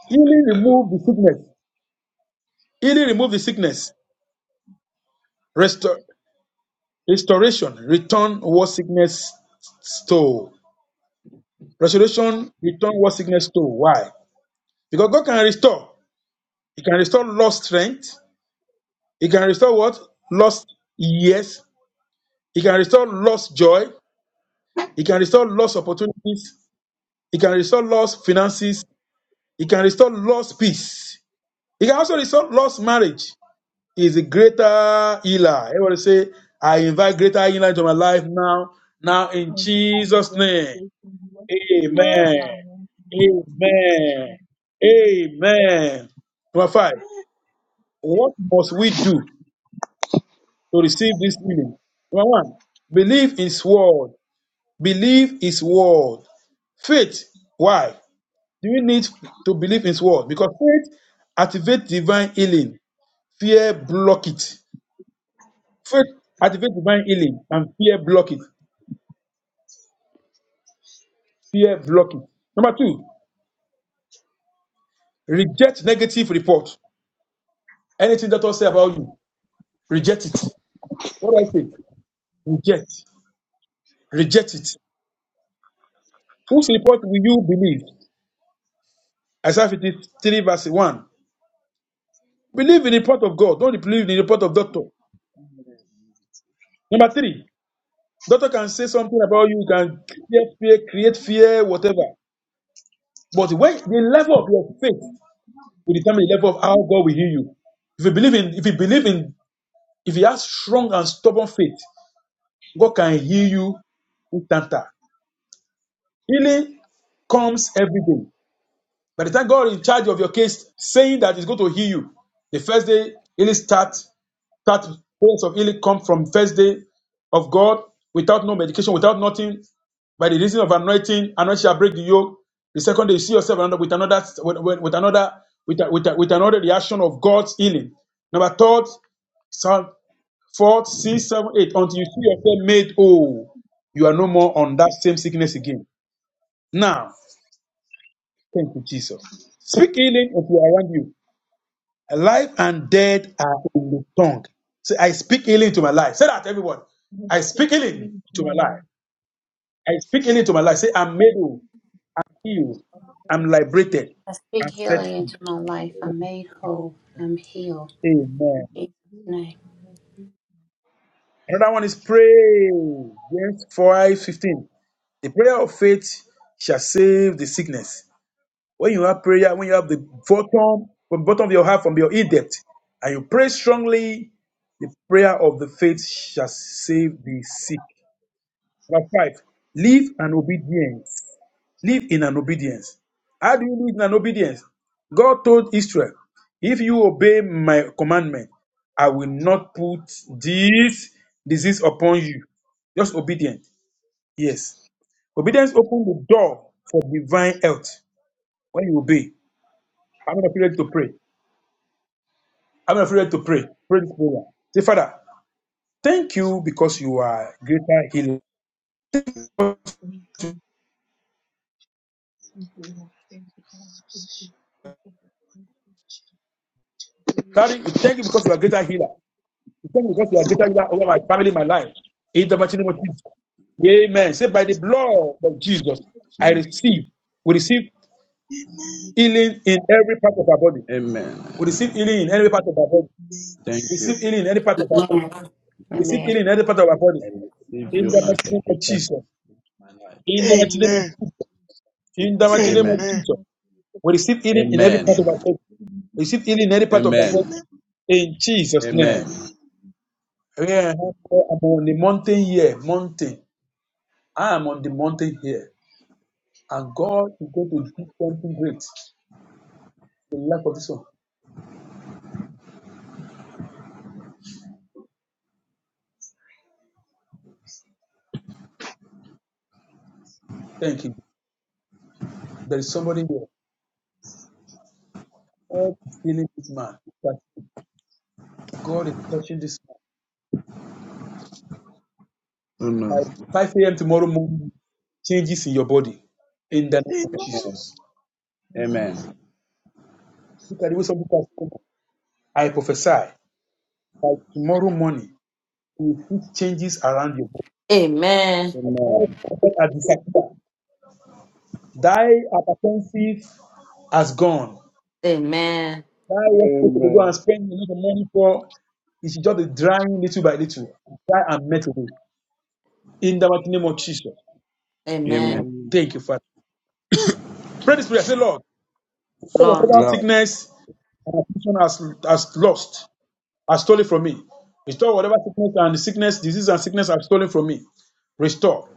Speaker 2: Healing remove the sickness. Healing remove the sickness. Restor- restoration return what sickness stole. Restoration return what sickness stole. Why? Because God can restore. He can restore lost strength. He can restore what? Lost years. He can restore lost joy. He can restore lost opportunities. He can restore lost finances. He can restore lost peace. It can also result. lost marriage. Is a greater healer. Everybody say, I invite greater healer into my life now. Now in
Speaker 3: And I'm
Speaker 2: Jesus'
Speaker 3: very
Speaker 2: name.
Speaker 3: grateful for
Speaker 6: Amen.
Speaker 2: Amen.
Speaker 3: my life in Jesus'
Speaker 2: Amen.
Speaker 3: name.
Speaker 2: Amen. Number five. What must we do to receive this healing? Number one, believe his word. Believe his word. Faith. Why? Do you need to believe his word? Because faith activates divine healing. Fear block it. Faith activates divine healing and fear block it. Fear block it. Number two, reject negative report. Anything that doctor say about you, reject it. What do I say? Reject. Reject it. Whose report will you believe? Isaiah 53 verse 1. Believe in the report of God. Don't believe in the report of doctor. Number three, doctor can say something about you, can create fear, create fear, whatever. But when the level of your faith will determine the level of how God will heal you. If you believe in if you believe in If you have strong and stubborn faith, God can heal you instanter. Healing comes every day. By the time God is in charge of your case, saying that He's going to heal you, the first day healing starts. Start prayers of healing come from first day of God without no medication, without nothing. By the reason of anointing, anointing shall break the yoke. The second day you see yourself another- with another with, with another with, with, with another reaction of God's healing. Number third, Psalm Four, six, seven, eight. until you see yourself made whole. You are no more on that same sickness again. Now, thank you, Jesus. Speak healing if you are around you. Life and death are in the tongue. Say, I speak healing to my life. Say that, everyone.
Speaker 3: I
Speaker 2: I
Speaker 3: speak
Speaker 2: speak healing
Speaker 3: healing to
Speaker 2: to
Speaker 3: my
Speaker 2: my life.
Speaker 3: life.
Speaker 2: I
Speaker 3: I
Speaker 2: speak
Speaker 3: speak
Speaker 2: healing to my life.
Speaker 3: healing
Speaker 2: Say,
Speaker 3: to my
Speaker 2: I'm made
Speaker 3: life.
Speaker 2: whole, healed,
Speaker 3: I'm
Speaker 2: I'm
Speaker 3: very,
Speaker 2: liberated,
Speaker 7: I speak
Speaker 2: I'm set
Speaker 7: healing
Speaker 2: free.
Speaker 7: into my
Speaker 3: very
Speaker 7: life.
Speaker 3: grateful.
Speaker 7: I'm made whole. I'm healed.
Speaker 2: Amen.
Speaker 3: i
Speaker 7: In Jesus' name.
Speaker 3: very,
Speaker 2: Another one is pray. James 5:15. The prayer of faith shall save the sickness When you have prayer, when you have the bottom from bottom of your heart, from your in depth, and you pray strongly, the prayer of the faith shall save the sick. Verse 5. Live an obedience. Live in an obedience. How do you live in an obedience? God told Israel, if you obey my commandment, I will not put this disease upon you. Just obedience. Yes. Obedience opens the door for divine health when you obey. I'm going to pray to pray. I'm afraid to pray. Pray this prayer. Say, Father, thank you because you are greater healer.
Speaker 3: very Thank you.
Speaker 2: Daddy, we thank you because you are greater healer. We thank you because you are greater healer over my family, my life. In the mighty name of Jesus. Amen. Say, by the blood of Jesus, I receive. We receive healing in every part of our body.
Speaker 8: Amen.
Speaker 2: We receive healing in every part of our body.
Speaker 8: Thank
Speaker 2: We
Speaker 8: you.
Speaker 2: receive healing in every part of our body.
Speaker 7: Amen.
Speaker 2: We receive
Speaker 7: Amen.
Speaker 8: I
Speaker 2: healing in every part of our body.
Speaker 8: receive
Speaker 2: In
Speaker 8: you
Speaker 2: the
Speaker 7: Amen.
Speaker 8: as
Speaker 2: mighty
Speaker 8: the
Speaker 2: name of
Speaker 8: creator of
Speaker 2: Jesus.
Speaker 8: my life.
Speaker 2: In the mighty name of
Speaker 6: Amen.
Speaker 2: Jesus. In the
Speaker 8: Jesus.
Speaker 2: mighty name of
Speaker 8: Amen.
Speaker 6: Amen.
Speaker 2: Jesus. We receive healing in every part of
Speaker 8: Amen.
Speaker 2: our
Speaker 6: Amen.
Speaker 2: body. We receive healing in every part of our body.
Speaker 8: Amen.
Speaker 6: Amen.
Speaker 2: In Jesus' name.
Speaker 8: Amen.
Speaker 2: Yeah, I'm on the mountain here, mountain. I am on the mountain here. And God is going to do something great in the life of this one. Thank you. There is somebody here. God is healing this man. That God is touching this
Speaker 8: Amen.
Speaker 2: man. By 5 a.m. tomorrow morning, changes in your body. In the name of
Speaker 6: Amen.
Speaker 8: Amen.
Speaker 2: Jesus.
Speaker 8: Amen.
Speaker 2: Look at the way some people are spoken. I prophesy that tomorrow morning, you will see changes around you.
Speaker 1: Amen.
Speaker 8: Amen.
Speaker 2: Thy apathy has gone.
Speaker 1: Amen.
Speaker 2: Why was people to go and
Speaker 4: Amen.
Speaker 2: spend a lot of money for? It should just be drying little by little. Dry and melt away. In the mighty name of Jesus.
Speaker 1: Amen.
Speaker 8: Amen.
Speaker 4: Amen.
Speaker 2: Thank you, Father. Pray this prayer. Say, Lord,
Speaker 1: Lord,
Speaker 2: whatever
Speaker 8: Lord,
Speaker 2: sickness and affliction has, has lost, has stolen from me. Restore whatever sickness and sickness, disease and sickness have stolen from me. Restore.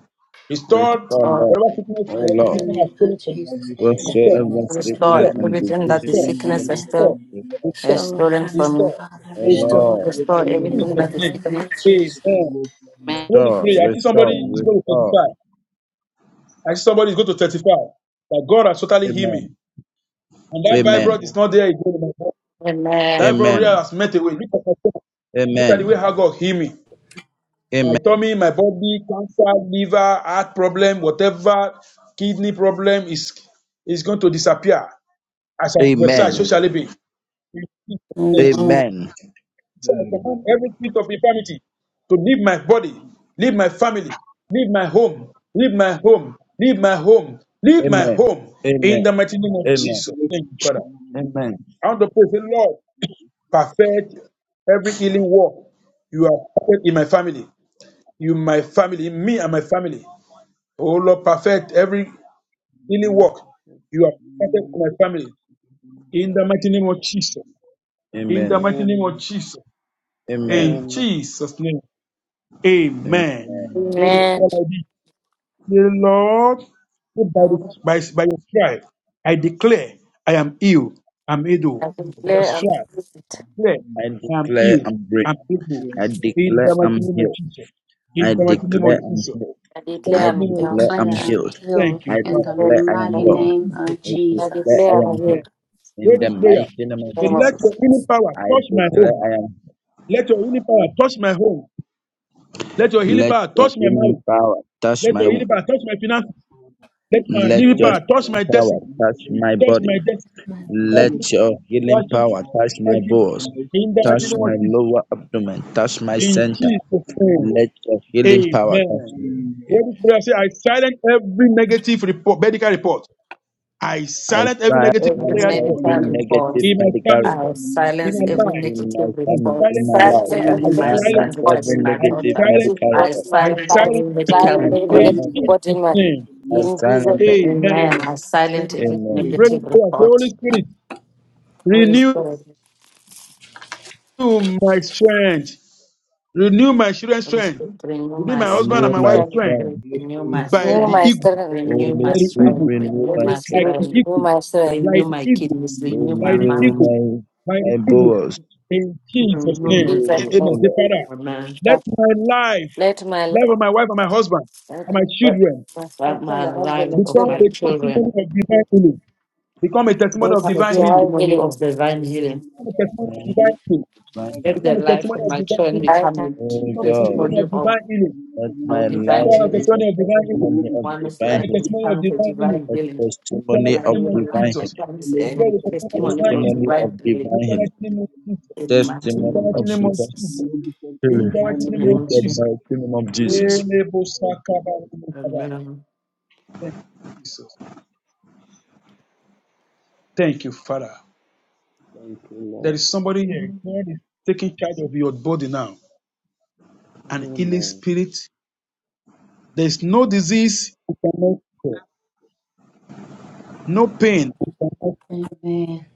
Speaker 2: Restore
Speaker 8: restore
Speaker 1: restore,
Speaker 8: Lord.
Speaker 2: whatever sickness
Speaker 8: Oh
Speaker 7: Lord,
Speaker 2: or
Speaker 7: in
Speaker 8: Lord.
Speaker 7: the
Speaker 2: affliction has
Speaker 7: name of
Speaker 2: stolen from me.
Speaker 4: God,
Speaker 7: Jesus,
Speaker 4: you
Speaker 7: any
Speaker 4: stole the
Speaker 2: Restore.
Speaker 4: light
Speaker 7: sickness
Speaker 8: whatsoever
Speaker 4: to
Speaker 7: or
Speaker 4: go from
Speaker 8: sickness
Speaker 1: restore
Speaker 2: Restore.
Speaker 4: the
Speaker 8: and
Speaker 7: disease.
Speaker 1: everything
Speaker 4: Jesus'
Speaker 8: disease
Speaker 1: that the
Speaker 4: name
Speaker 2: Restore.
Speaker 8: has
Speaker 4: and
Speaker 1: sickness
Speaker 4: you
Speaker 1: has
Speaker 8: fallen
Speaker 4: from
Speaker 8: from
Speaker 4: the
Speaker 1: still
Speaker 2: Restore.
Speaker 8: the
Speaker 4: Lord
Speaker 8: earth.
Speaker 2: Restore.
Speaker 1: has
Speaker 7: Stolen
Speaker 4: Jesus.
Speaker 1: stolen
Speaker 7: from me,
Speaker 1: from me.
Speaker 2: Restore.
Speaker 7: Father,
Speaker 8: O
Speaker 4: God, you
Speaker 2: Restore.
Speaker 7: restore
Speaker 8: Lord,
Speaker 4: stole the
Speaker 1: Restore
Speaker 2: In
Speaker 4: light to
Speaker 7: in
Speaker 1: everything
Speaker 2: Jesus'
Speaker 8: restore,
Speaker 1: that
Speaker 4: Jesus'
Speaker 7: the
Speaker 1: the
Speaker 4: name
Speaker 2: name.
Speaker 7: name
Speaker 1: sickness.
Speaker 7: of
Speaker 4: and you
Speaker 7: Jesus.
Speaker 2: Amen.
Speaker 4: from the
Speaker 1: Amen.
Speaker 4: Lord.
Speaker 2: Holy
Speaker 8: restore,
Speaker 2: Spirit, I see somebody
Speaker 8: restore,
Speaker 2: is going
Speaker 4: Amen.
Speaker 2: to
Speaker 8: restore.
Speaker 2: testify. I see somebody is going to testify that God has totally healed me.
Speaker 8: Amen.
Speaker 2: And that
Speaker 8: Amen.
Speaker 2: fibroid is
Speaker 4: Amen.
Speaker 2: not there again in my body. That
Speaker 1: Amen.
Speaker 2: fibroid
Speaker 8: Amen.
Speaker 2: has met away. Look at my Look at the
Speaker 8: Amen.
Speaker 2: way how God healed me. My
Speaker 8: Amen.
Speaker 2: tummy, my body, cancer, liver, heart problem, whatever kidney problem is is going to disappear. As I prophesy,
Speaker 8: Amen.
Speaker 2: so shall it be.
Speaker 7: Amen.
Speaker 8: Amen.
Speaker 2: So I
Speaker 4: Amen.
Speaker 2: command every spirit of infirmity to leave my body, leave my family, leave my home, leave my home, leave my home, leave my
Speaker 8: Amen.
Speaker 2: home. In
Speaker 8: Amen.
Speaker 2: the mighty name of
Speaker 8: Amen.
Speaker 2: Jesus. Thank you, Father.
Speaker 4: Amen.
Speaker 8: Amen.
Speaker 2: I want to praise the Lord. Perfect every healing work. You are perfect in my family. You, my family, in me and my family. Oh Lord, perfect every healing
Speaker 4: Not
Speaker 2: work.
Speaker 4: perfect.
Speaker 2: You are perfect
Speaker 4: Really not
Speaker 2: in my family.
Speaker 4: perfect in my
Speaker 2: In the
Speaker 4: life and
Speaker 2: mighty
Speaker 4: my
Speaker 2: name of Jesus.
Speaker 4: family.
Speaker 2: In the
Speaker 8: Amen.
Speaker 2: mighty
Speaker 4: Um,
Speaker 2: name of Jesus.
Speaker 8: Amen.
Speaker 2: In
Speaker 4: um,
Speaker 2: Jesus' name. Amen.
Speaker 8: Amen.
Speaker 4: um,
Speaker 2: And it
Speaker 5: Amen.
Speaker 2: shall I be. Say, Lord, by, the,
Speaker 5: Oh,
Speaker 2: by, by your stripe, I declare I am ill. I'm
Speaker 5: I
Speaker 2: able. By your
Speaker 5: declare I'm
Speaker 2: stripe, I
Speaker 5: healed.
Speaker 2: declare
Speaker 8: I
Speaker 4: there's
Speaker 2: I am
Speaker 8: declare
Speaker 4: something
Speaker 2: ill.
Speaker 8: I'm break.
Speaker 4: here
Speaker 2: I'm
Speaker 4: and
Speaker 2: able.
Speaker 4: there and here and
Speaker 8: I
Speaker 2: In
Speaker 4: the
Speaker 8: declare
Speaker 2: the mighty
Speaker 8: I'm
Speaker 2: name of
Speaker 8: healed.
Speaker 2: Jesus.
Speaker 8: I
Speaker 2: In the mighty
Speaker 4: plan here and
Speaker 2: name
Speaker 8: declare
Speaker 2: of
Speaker 8: I'm
Speaker 4: there
Speaker 2: Jesus.
Speaker 8: healed.
Speaker 5: I
Speaker 2: In
Speaker 4: and
Speaker 2: the mighty
Speaker 5: declare
Speaker 8: I
Speaker 5: I'm
Speaker 2: name
Speaker 4: Jesus
Speaker 2: of
Speaker 4: and
Speaker 5: healed.
Speaker 8: declare
Speaker 2: Jesus.
Speaker 7: Declare
Speaker 8: I'm
Speaker 7: I'm
Speaker 8: healed.
Speaker 7: healed
Speaker 2: Thank you,
Speaker 8: I
Speaker 7: in the
Speaker 2: Father.
Speaker 8: declare I am
Speaker 7: mighty
Speaker 8: well.
Speaker 7: name
Speaker 2: Jesus,
Speaker 7: of
Speaker 8: I
Speaker 2: my God.
Speaker 5: I
Speaker 8: declare
Speaker 7: Jesus.
Speaker 8: I
Speaker 5: declare I'm
Speaker 8: am healed
Speaker 2: Amen.
Speaker 5: healed.
Speaker 2: Pray
Speaker 8: in the
Speaker 2: this prayer.
Speaker 8: mighty name of
Speaker 2: Say,
Speaker 5: Amen.
Speaker 2: let
Speaker 8: Jesus.
Speaker 2: your healing power
Speaker 8: I
Speaker 2: touch my
Speaker 8: declare
Speaker 2: home.
Speaker 8: I am.
Speaker 2: Let your healing power touch my home. Let your healing
Speaker 8: Let
Speaker 2: power
Speaker 8: your
Speaker 2: touch my
Speaker 8: healing
Speaker 2: marriage.
Speaker 8: power touch
Speaker 2: Let
Speaker 8: my.
Speaker 2: your
Speaker 8: wo-
Speaker 2: healing power touch my finances.
Speaker 4: Father.
Speaker 2: Let my
Speaker 4: let
Speaker 8: Let
Speaker 4: your
Speaker 2: living
Speaker 8: your
Speaker 2: power
Speaker 4: help
Speaker 2: touch
Speaker 4: our
Speaker 8: healing
Speaker 2: my
Speaker 8: power
Speaker 2: destiny.
Speaker 4: personal
Speaker 8: touch
Speaker 4: marriage,
Speaker 8: my
Speaker 2: Touch my
Speaker 8: body.
Speaker 4: Father.
Speaker 2: destiny.
Speaker 4: Let
Speaker 7: Mighty
Speaker 4: your
Speaker 2: Touch it.
Speaker 8: Let
Speaker 4: help
Speaker 8: your
Speaker 4: our
Speaker 8: healing
Speaker 2: Touch
Speaker 4: personal
Speaker 2: it.
Speaker 8: power touch
Speaker 4: finances,
Speaker 8: my
Speaker 2: Touch
Speaker 4: let
Speaker 2: it.
Speaker 4: your
Speaker 8: balls,
Speaker 2: In the mighty
Speaker 4: destiny,
Speaker 8: touch
Speaker 2: name
Speaker 8: my
Speaker 2: of
Speaker 4: Lord. Jesus.
Speaker 2: Jesus.
Speaker 8: lower abdomen,
Speaker 4: Let your
Speaker 8: touch my
Speaker 4: help
Speaker 2: In
Speaker 4: our
Speaker 8: center.
Speaker 2: Jesus'
Speaker 4: personal
Speaker 2: name.
Speaker 4: home,
Speaker 8: Let your
Speaker 4: Father.
Speaker 8: healing power touch
Speaker 2: Amen.
Speaker 8: me.
Speaker 2: Let
Speaker 8: Amen.
Speaker 2: this
Speaker 4: Amen.
Speaker 2: prayer say, I silence every negative report, medical report. I
Speaker 8: I
Speaker 2: silence every negative
Speaker 4: The
Speaker 1: Every
Speaker 8: silence
Speaker 2: medical
Speaker 4: same thing
Speaker 2: report
Speaker 1: medical
Speaker 4: will
Speaker 8: every
Speaker 4: never
Speaker 1: report.
Speaker 4: forget
Speaker 8: negative
Speaker 4: the
Speaker 2: in
Speaker 4: power of
Speaker 2: my
Speaker 8: medical
Speaker 2: family,
Speaker 4: God
Speaker 1: I
Speaker 8: report
Speaker 4: in the mighty
Speaker 2: in
Speaker 1: silence
Speaker 4: name
Speaker 2: my
Speaker 4: of
Speaker 1: every
Speaker 2: life.
Speaker 8: in
Speaker 4: Jesus.
Speaker 8: my
Speaker 1: negative
Speaker 2: I
Speaker 8: family,
Speaker 1: report
Speaker 8: in
Speaker 4: The
Speaker 2: silence.
Speaker 8: my
Speaker 5: Silence
Speaker 8: life.
Speaker 4: Celestial
Speaker 5: every
Speaker 8: I
Speaker 4: will
Speaker 2: I
Speaker 1: regarding
Speaker 4: never
Speaker 1: my
Speaker 5: negative
Speaker 4: forget
Speaker 2: silence.
Speaker 4: the
Speaker 1: son,
Speaker 8: silence
Speaker 4: power
Speaker 5: report.
Speaker 4: of
Speaker 8: every
Speaker 1: regarding
Speaker 4: God
Speaker 1: my
Speaker 2: I
Speaker 4: in the
Speaker 8: negative
Speaker 4: mighty
Speaker 1: daughter.
Speaker 5: See
Speaker 4: name
Speaker 2: silence.
Speaker 4: of
Speaker 8: medical
Speaker 5: the
Speaker 1: I
Speaker 5: body
Speaker 8: report.
Speaker 2: I
Speaker 4: Jesus.
Speaker 1: silence
Speaker 5: manifest.
Speaker 1: every
Speaker 2: silence.
Speaker 4: The
Speaker 1: medical
Speaker 5: Silence
Speaker 4: Celestial
Speaker 8: I
Speaker 4: will
Speaker 5: every
Speaker 4: never
Speaker 1: report.
Speaker 7: name
Speaker 5: negative
Speaker 2: in
Speaker 7: of
Speaker 8: silence them.
Speaker 5: report in
Speaker 2: Jesus'
Speaker 4: forget the
Speaker 5: my
Speaker 2: name.
Speaker 8: I
Speaker 7: Jesus.
Speaker 5: in
Speaker 4: power of God in the mighty name
Speaker 5: Jesus'
Speaker 4: of
Speaker 8: silent them.
Speaker 5: name.
Speaker 4: Jesus.
Speaker 1: Amen.
Speaker 2: Amen.
Speaker 1: I silence
Speaker 7: Jesus'
Speaker 1: every
Speaker 8: Amen.
Speaker 7: name.
Speaker 2: Ready
Speaker 1: negative
Speaker 4: Amen.
Speaker 2: prayer. Say, Holy
Speaker 1: report.
Speaker 2: Spirit,
Speaker 1: Holy
Speaker 2: renew
Speaker 1: Spirit.
Speaker 2: my strength. Renew my children's
Speaker 1: Holy
Speaker 2: strength.
Speaker 1: Spirit, renew
Speaker 2: You
Speaker 1: my
Speaker 2: my husband and
Speaker 8: Renew
Speaker 2: my
Speaker 1: strength.
Speaker 8: my
Speaker 2: wife's
Speaker 1: Holy
Speaker 5: Renew
Speaker 2: friend
Speaker 1: Spirit,
Speaker 8: strength.
Speaker 4: Yes, Lord,
Speaker 1: Renew
Speaker 4: in
Speaker 1: my
Speaker 4: the
Speaker 2: by the
Speaker 4: name
Speaker 1: strength.
Speaker 5: my
Speaker 4: of
Speaker 2: eagle,
Speaker 5: strength.
Speaker 4: Jesus.
Speaker 1: Renew
Speaker 8: Holy
Speaker 2: by
Speaker 1: my
Speaker 2: the
Speaker 8: Spirit,
Speaker 1: strength.
Speaker 2: eagle,
Speaker 8: renew
Speaker 1: Renew
Speaker 8: my
Speaker 5: Holy
Speaker 1: my
Speaker 2: like
Speaker 8: strength.
Speaker 5: spirit
Speaker 2: the
Speaker 1: strength.
Speaker 5: renew
Speaker 2: eagle,
Speaker 5: my strength.
Speaker 2: by
Speaker 1: Renew
Speaker 2: the
Speaker 4: Yes, in
Speaker 1: my
Speaker 4: the
Speaker 2: eagle,
Speaker 1: kidneys.
Speaker 4: name
Speaker 1: Renew
Speaker 2: by
Speaker 1: my
Speaker 2: the
Speaker 8: Renew
Speaker 1: mind.
Speaker 2: eagle,
Speaker 8: my
Speaker 2: by the
Speaker 8: my
Speaker 2: eagle,
Speaker 4: of
Speaker 8: bowels.
Speaker 4: Jesus.
Speaker 2: in Jesus'
Speaker 1: Renew
Speaker 2: name.
Speaker 1: me,
Speaker 8: Renew
Speaker 5: Jesus.
Speaker 8: me,
Speaker 1: God.
Speaker 8: O
Speaker 2: Amen.
Speaker 5: name.
Speaker 2: Say,
Speaker 8: Lord.
Speaker 2: Father,
Speaker 1: Amen.
Speaker 2: let my life,
Speaker 5: Let my
Speaker 2: life
Speaker 5: life.
Speaker 2: of my wife and my husband and my
Speaker 1: Let
Speaker 2: children
Speaker 5: My
Speaker 1: that my
Speaker 5: husband,
Speaker 1: life
Speaker 5: my
Speaker 1: of
Speaker 2: become
Speaker 1: my
Speaker 2: a
Speaker 5: children,
Speaker 1: children
Speaker 2: testimony of divine healing. Become a testimony of
Speaker 5: this
Speaker 1: become a
Speaker 5: is
Speaker 2: divine healing.
Speaker 5: your
Speaker 1: testimony
Speaker 5: healing.
Speaker 1: of
Speaker 4: If you
Speaker 1: divine
Speaker 4: will not
Speaker 1: healing.
Speaker 4: see my
Speaker 2: Become a
Speaker 4: life,
Speaker 2: testimony
Speaker 4: my
Speaker 2: of
Speaker 8: Amen.
Speaker 2: divine
Speaker 4: wife,
Speaker 2: healing.
Speaker 4: my family,
Speaker 1: Let
Speaker 4: to
Speaker 8: Amen.
Speaker 1: the
Speaker 2: Become a
Speaker 4: death,
Speaker 1: life
Speaker 2: testimony
Speaker 1: of
Speaker 4: Lord,
Speaker 2: of
Speaker 4: we
Speaker 1: my
Speaker 2: divine
Speaker 4: commit
Speaker 1: children
Speaker 4: this
Speaker 2: healing.
Speaker 4: to
Speaker 5: I
Speaker 1: become a
Speaker 4: you and
Speaker 1: t-
Speaker 8: Oh
Speaker 2: Become a
Speaker 4: desire
Speaker 8: God,
Speaker 2: testimony
Speaker 1: testimony
Speaker 2: of
Speaker 4: you.
Speaker 1: of
Speaker 2: divine healing.
Speaker 4: In the
Speaker 8: let
Speaker 4: mighty name
Speaker 1: our
Speaker 8: my
Speaker 4: of
Speaker 1: divine
Speaker 8: life
Speaker 2: Become a
Speaker 4: Jesus.
Speaker 8: be a
Speaker 1: healing.
Speaker 2: testimony of
Speaker 4: And
Speaker 2: divine
Speaker 4: then
Speaker 2: healing.
Speaker 4: we will
Speaker 8: testimony
Speaker 4: be
Speaker 8: of
Speaker 4: told to
Speaker 1: One's
Speaker 2: Become
Speaker 8: divine
Speaker 1: life
Speaker 4: stand
Speaker 2: a
Speaker 4: up
Speaker 8: healing.
Speaker 2: testimony of
Speaker 4: and
Speaker 1: becomes a
Speaker 4: go on
Speaker 2: divine
Speaker 4: in
Speaker 2: healing.
Speaker 1: divine
Speaker 8: A
Speaker 4: the
Speaker 1: healing.
Speaker 4: mighty
Speaker 2: In
Speaker 4: name
Speaker 2: the
Speaker 4: of
Speaker 1: And
Speaker 8: testimony
Speaker 4: Jesus.
Speaker 8: of
Speaker 2: name of
Speaker 1: your
Speaker 8: divine
Speaker 1: life
Speaker 2: Jesus.
Speaker 8: healing.
Speaker 4: Hallelujah, the
Speaker 1: becomes
Speaker 4: Lord
Speaker 1: a
Speaker 2: Declare the
Speaker 4: became
Speaker 2: testimony of
Speaker 1: testimony
Speaker 2: divine
Speaker 4: testimony
Speaker 1: of
Speaker 2: healing.
Speaker 8: Testimony of
Speaker 1: divine healing.
Speaker 2: In
Speaker 8: divine
Speaker 2: the
Speaker 8: healing.
Speaker 2: mighty
Speaker 4: of
Speaker 2: name of Jesus.
Speaker 1: in the mighty
Speaker 2: In
Speaker 8: Testimony
Speaker 2: the
Speaker 1: name
Speaker 2: mighty
Speaker 1: of
Speaker 8: of
Speaker 2: name of
Speaker 8: divine
Speaker 4: the
Speaker 1: Jesus.
Speaker 2: Jesus.
Speaker 4: Lord to the Lord Jesus. Hallelujah, the Lord became
Speaker 1: In
Speaker 2: In
Speaker 8: healing.
Speaker 1: the
Speaker 2: the
Speaker 4: testimony
Speaker 2: mighty
Speaker 4: of
Speaker 1: mighty name
Speaker 2: name
Speaker 8: In
Speaker 2: of
Speaker 1: of
Speaker 8: the
Speaker 1: Jesus.
Speaker 2: Jesus.
Speaker 8: mighty
Speaker 4: the
Speaker 8: name of Jesus.
Speaker 4: Lord Jesus.
Speaker 2: Elebosakabarabokaba.
Speaker 1: Amen.
Speaker 2: Jesus. Thank you, Father.
Speaker 4: Thank you,
Speaker 2: There
Speaker 4: Lord.
Speaker 2: is somebody here. God is taking charge of your body now.
Speaker 4: Jesus. Thank you, Lord. Amen.
Speaker 2: An healing spirit. There is no disease, no cure, no pain, no
Speaker 7: Amen.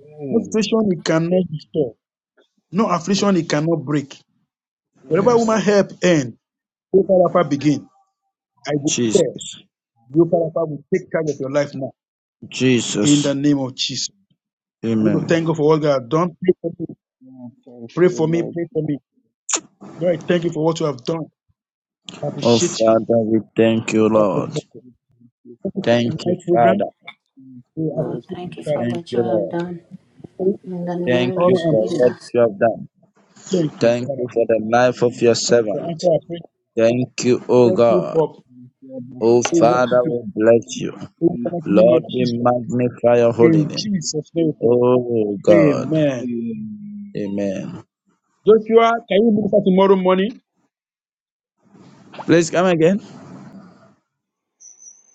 Speaker 4: Amen.
Speaker 2: situation you cannot restore, no
Speaker 4: Yes,
Speaker 2: affliction you
Speaker 4: Lord.
Speaker 2: cannot break.
Speaker 4: yes,
Speaker 2: Wherever
Speaker 8: Yes.
Speaker 2: woman
Speaker 4: Father.
Speaker 2: help end, Yoparapa begin. I
Speaker 4: Yes,
Speaker 2: declare,
Speaker 8: Jesus.
Speaker 2: your Yoparapa will take charge of your life now.
Speaker 4: Amen.
Speaker 2: In
Speaker 8: Jesus.
Speaker 2: the name of Jesus. I'm
Speaker 8: Amen.
Speaker 2: going to
Speaker 4: Amen.
Speaker 2: thank God for what God has done. Pray for me.
Speaker 4: Oh, Thank
Speaker 2: Pray
Speaker 4: you,
Speaker 2: for me.
Speaker 4: Lord
Speaker 2: Pray for
Speaker 4: Jesus.
Speaker 2: me. Lord, I thank you for what you have done. I
Speaker 4: Oh,
Speaker 8: Oh,
Speaker 4: Thank
Speaker 2: appreciate you.
Speaker 8: Father, we thank you,
Speaker 2: Thank you
Speaker 8: Lord.
Speaker 2: for
Speaker 4: you,
Speaker 8: Thank
Speaker 4: Father.
Speaker 8: you,
Speaker 2: tonight's program.
Speaker 8: Father.
Speaker 4: Thank you,
Speaker 2: We
Speaker 7: Lord,
Speaker 4: Lord
Speaker 2: appreciate you,
Speaker 7: thank you
Speaker 4: Jesus.
Speaker 7: for
Speaker 2: Father.
Speaker 8: Thank
Speaker 7: what you
Speaker 8: you,
Speaker 7: have
Speaker 8: Lord.
Speaker 7: done
Speaker 2: Praise,
Speaker 4: Thank you,
Speaker 7: in the
Speaker 4: Father, for
Speaker 8: Thank
Speaker 7: name of
Speaker 2: Honor
Speaker 8: you
Speaker 4: tonight.
Speaker 2: and
Speaker 8: for
Speaker 2: praise.
Speaker 8: what
Speaker 4: Thank
Speaker 7: Jesus.
Speaker 8: you have done.
Speaker 4: you,
Speaker 2: Thank you,
Speaker 4: Father, for
Speaker 8: Thank
Speaker 4: this.
Speaker 2: Father.
Speaker 8: you for the
Speaker 4: Thank you,
Speaker 8: life of
Speaker 4: Father,
Speaker 8: your
Speaker 4: for
Speaker 2: For
Speaker 8: servant.
Speaker 4: this.
Speaker 2: answer our prayer.
Speaker 8: Thank you, O
Speaker 2: Thank you
Speaker 8: God.
Speaker 2: for
Speaker 4: We said the
Speaker 8: O
Speaker 7: Thank
Speaker 2: we
Speaker 4: Father,
Speaker 2: worship
Speaker 8: Father,
Speaker 2: you.
Speaker 8: we bless you.
Speaker 2: In
Speaker 4: peace,
Speaker 2: the mighty
Speaker 4: the
Speaker 2: name
Speaker 8: Lord,
Speaker 2: of
Speaker 8: we
Speaker 2: Jesus.
Speaker 8: magnify your holy
Speaker 2: In
Speaker 8: name.
Speaker 4: truth,
Speaker 2: Jesus' name,
Speaker 4: and
Speaker 2: we
Speaker 4: our
Speaker 2: pray.
Speaker 8: Oh God.
Speaker 2: Amen.
Speaker 4: pain.
Speaker 8: Amen.
Speaker 2: Joshua, can you minister tomorrow morning?
Speaker 8: Please come again.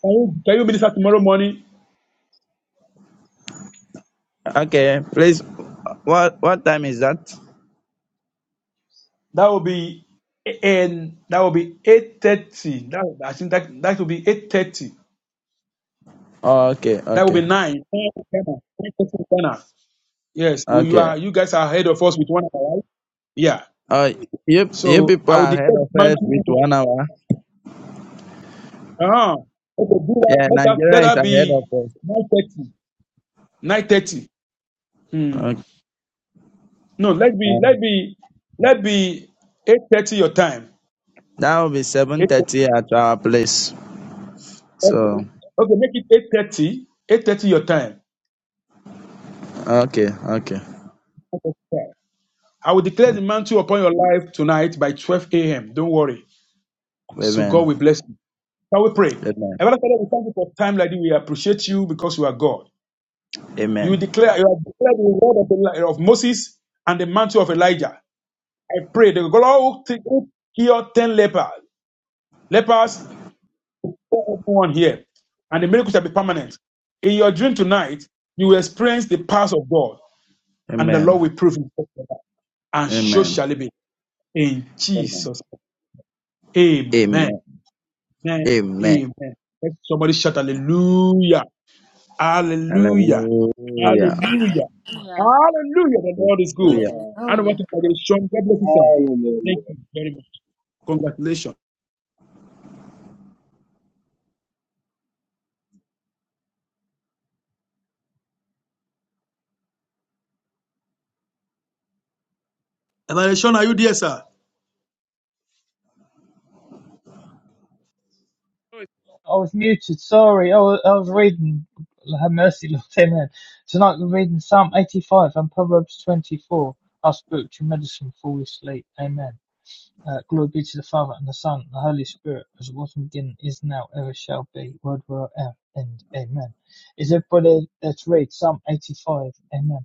Speaker 2: Can you, can you minister tomorrow morning?
Speaker 8: Okay. Please. What what time is that?
Speaker 2: That will be and that will be eight thirty. That I think that that will be eight thirty.
Speaker 8: Oh, okay.
Speaker 2: That will be
Speaker 8: Okay.
Speaker 2: nine. Nine to Ghana. Yes, we, you
Speaker 8: Okay.
Speaker 2: are. You guys are ahead of us with one hour, right? Yeah.
Speaker 8: Uh, you you
Speaker 2: So
Speaker 8: people
Speaker 2: I will
Speaker 8: are ahead
Speaker 2: declare the
Speaker 8: of us with
Speaker 2: mantle.
Speaker 8: one hour.
Speaker 2: Uh huh. Okay, do that.
Speaker 8: Yeah,
Speaker 2: Let that, let
Speaker 8: Nigeria is
Speaker 2: that
Speaker 8: ahead of
Speaker 2: be
Speaker 8: us.
Speaker 2: nine thirty. Nine thirty. Hmm.
Speaker 8: Okay.
Speaker 2: No, let be let
Speaker 8: Um,
Speaker 2: be let be eight thirty your time.
Speaker 8: that will be seven
Speaker 2: Eight thirty.
Speaker 8: thirty at our place.
Speaker 2: Okay.
Speaker 8: So
Speaker 2: Okay, make it eight thirty. Eight thirty your time.
Speaker 8: okay, okay.
Speaker 2: I will declare the mantle upon your life tonight by 12 a.m. Don't worry. So God
Speaker 8: Amen.
Speaker 2: will bless you. Shall we pray?
Speaker 8: Amen.
Speaker 2: Heavenly Father, we thank you for time like this. We appreciate you because you are God.
Speaker 8: Amen.
Speaker 2: You declare you have declared the word of, the, of Moses and the mantle of Elijah. I pray the God who heal ten lepers, lepers, everyone here, and the miracle shall be permanent. In your dream tonight, you will experience the powers of God, and the
Speaker 8: Amen.
Speaker 2: Lord will prove Himself, to you. and so
Speaker 8: Amen.
Speaker 2: shall it be. In
Speaker 8: Amen.
Speaker 2: Jesus, name. Amen.
Speaker 8: Amen.
Speaker 2: Amen.
Speaker 8: Amen.
Speaker 2: Amen. Let somebody shout Hallelujah. Hallelujah.
Speaker 8: Hallelujah.
Speaker 7: you.
Speaker 2: Hallelujah.
Speaker 7: Hallelujah.
Speaker 2: Hallelujah. The Lord is good.
Speaker 8: Hallelujah.
Speaker 4: Yeah,
Speaker 2: And
Speaker 7: Hallelujah.
Speaker 2: what congratulations. God bless you, sir. Thank
Speaker 4: hallelujah.
Speaker 2: you very much. Congratulations. Evangelist Shaun, are you there, sir?
Speaker 9: I was muted. Sorry, I was, I was reading. Have mercy, Lord, Amen. Tonight we're reading Psalm 85 and Proverbs 24. Our spiritual medicine before we sleep. Amen. Uh, glory be to the Father and the Son and the Holy Spirit, as it was in the beginning, is now, ever shall be, world without end. Amen. Is everybody let's read Psalm 85? Amen.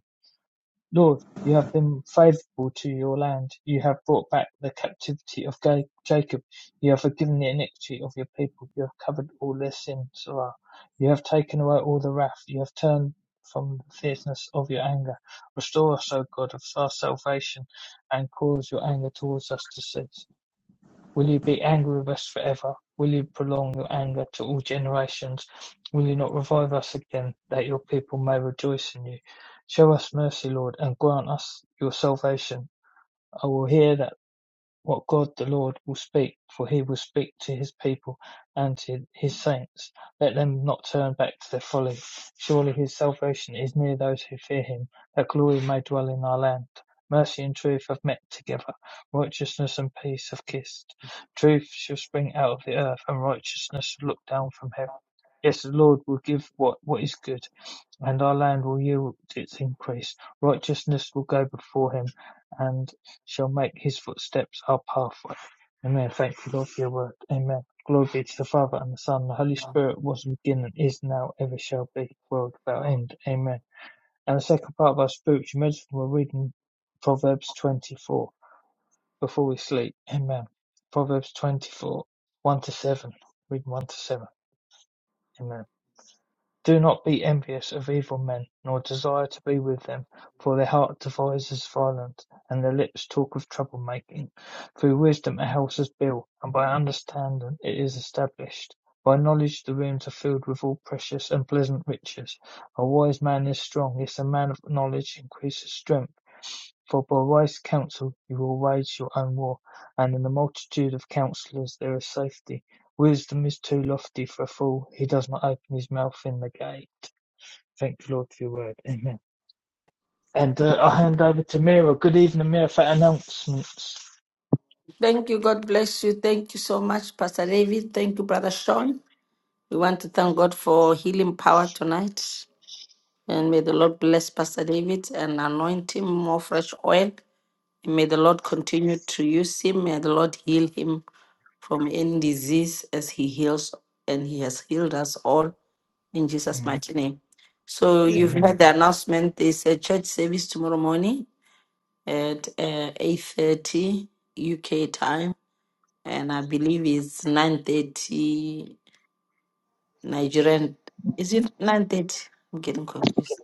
Speaker 9: Lord, you have been faithful to your land. You have brought back the captivity of Ga- Jacob. You have forgiven the iniquity of your people. You have covered all their sins. Ra. You have taken away all the wrath. You have turned from the fierceness of your anger. Restore us, O God, of our salvation, and cause your anger towards us to cease. Will you be angry with us forever? Will you prolong your anger to all generations? Will you not revive us again, that your people may rejoice in you? Show us mercy, Lord, and grant us your salvation. I will hear that what God the Lord will speak, for he will speak to his people and to his saints. Let them not turn back to their folly. Surely his salvation is near those who fear him, that glory may dwell in our land. Mercy and truth have met together, righteousness and peace have kissed. Truth shall spring out of the earth, and righteousness shall look down from heaven. Yes, the Lord will give what, what is good, and our land will yield its increase. Righteousness will go before him, and shall make his footsteps our pathway. Amen. Thank you, Lord, for your word. Amen. Glory be to the Father and the Son, and the Holy Spirit, was in the beginning, is now, ever shall be, world without end. Amen. And the second part of our spiritual medicine, we're reading Proverbs 24 before we sleep. Amen. Proverbs 24, 1 to 7. Read 1 to 7. Amen. Do not be envious of evil men, nor desire to be with them: for their heart devises violence, and their lips talk of trouble making. Through wisdom a house is built, and by understanding it is established. By knowledge the rooms are filled with all precious and pleasant riches. A wise man is strong, yes, a man of knowledge increases strength. For by wise counsel you will wage your own war, and in the multitude of counsellors there is safety. Wisdom is too lofty for a fool. He does not open his mouth in the gate. Thank you, Lord, for your word. Amen. And uh, I'll hand over to Mira. Good evening, Mira, for announcements.
Speaker 1: Thank you. God bless you. Thank you so much, Pastor David. Thank you, Brother Sean. We want to thank God for healing power tonight. And may the Lord bless Pastor David and anoint him more fresh oil. May the Lord continue to use him. May the Lord heal him from any disease as he heals and he has healed us all in Jesus'
Speaker 9: Mm.
Speaker 1: mighty name. So you've
Speaker 6: Amen.
Speaker 1: heard
Speaker 9: Amen.
Speaker 1: the announcement. There's a church service tomorrow morning at uh, 8.30 UK time. And I believe it's 9.30 Nigerian. Is it 9.30? I'm getting confused.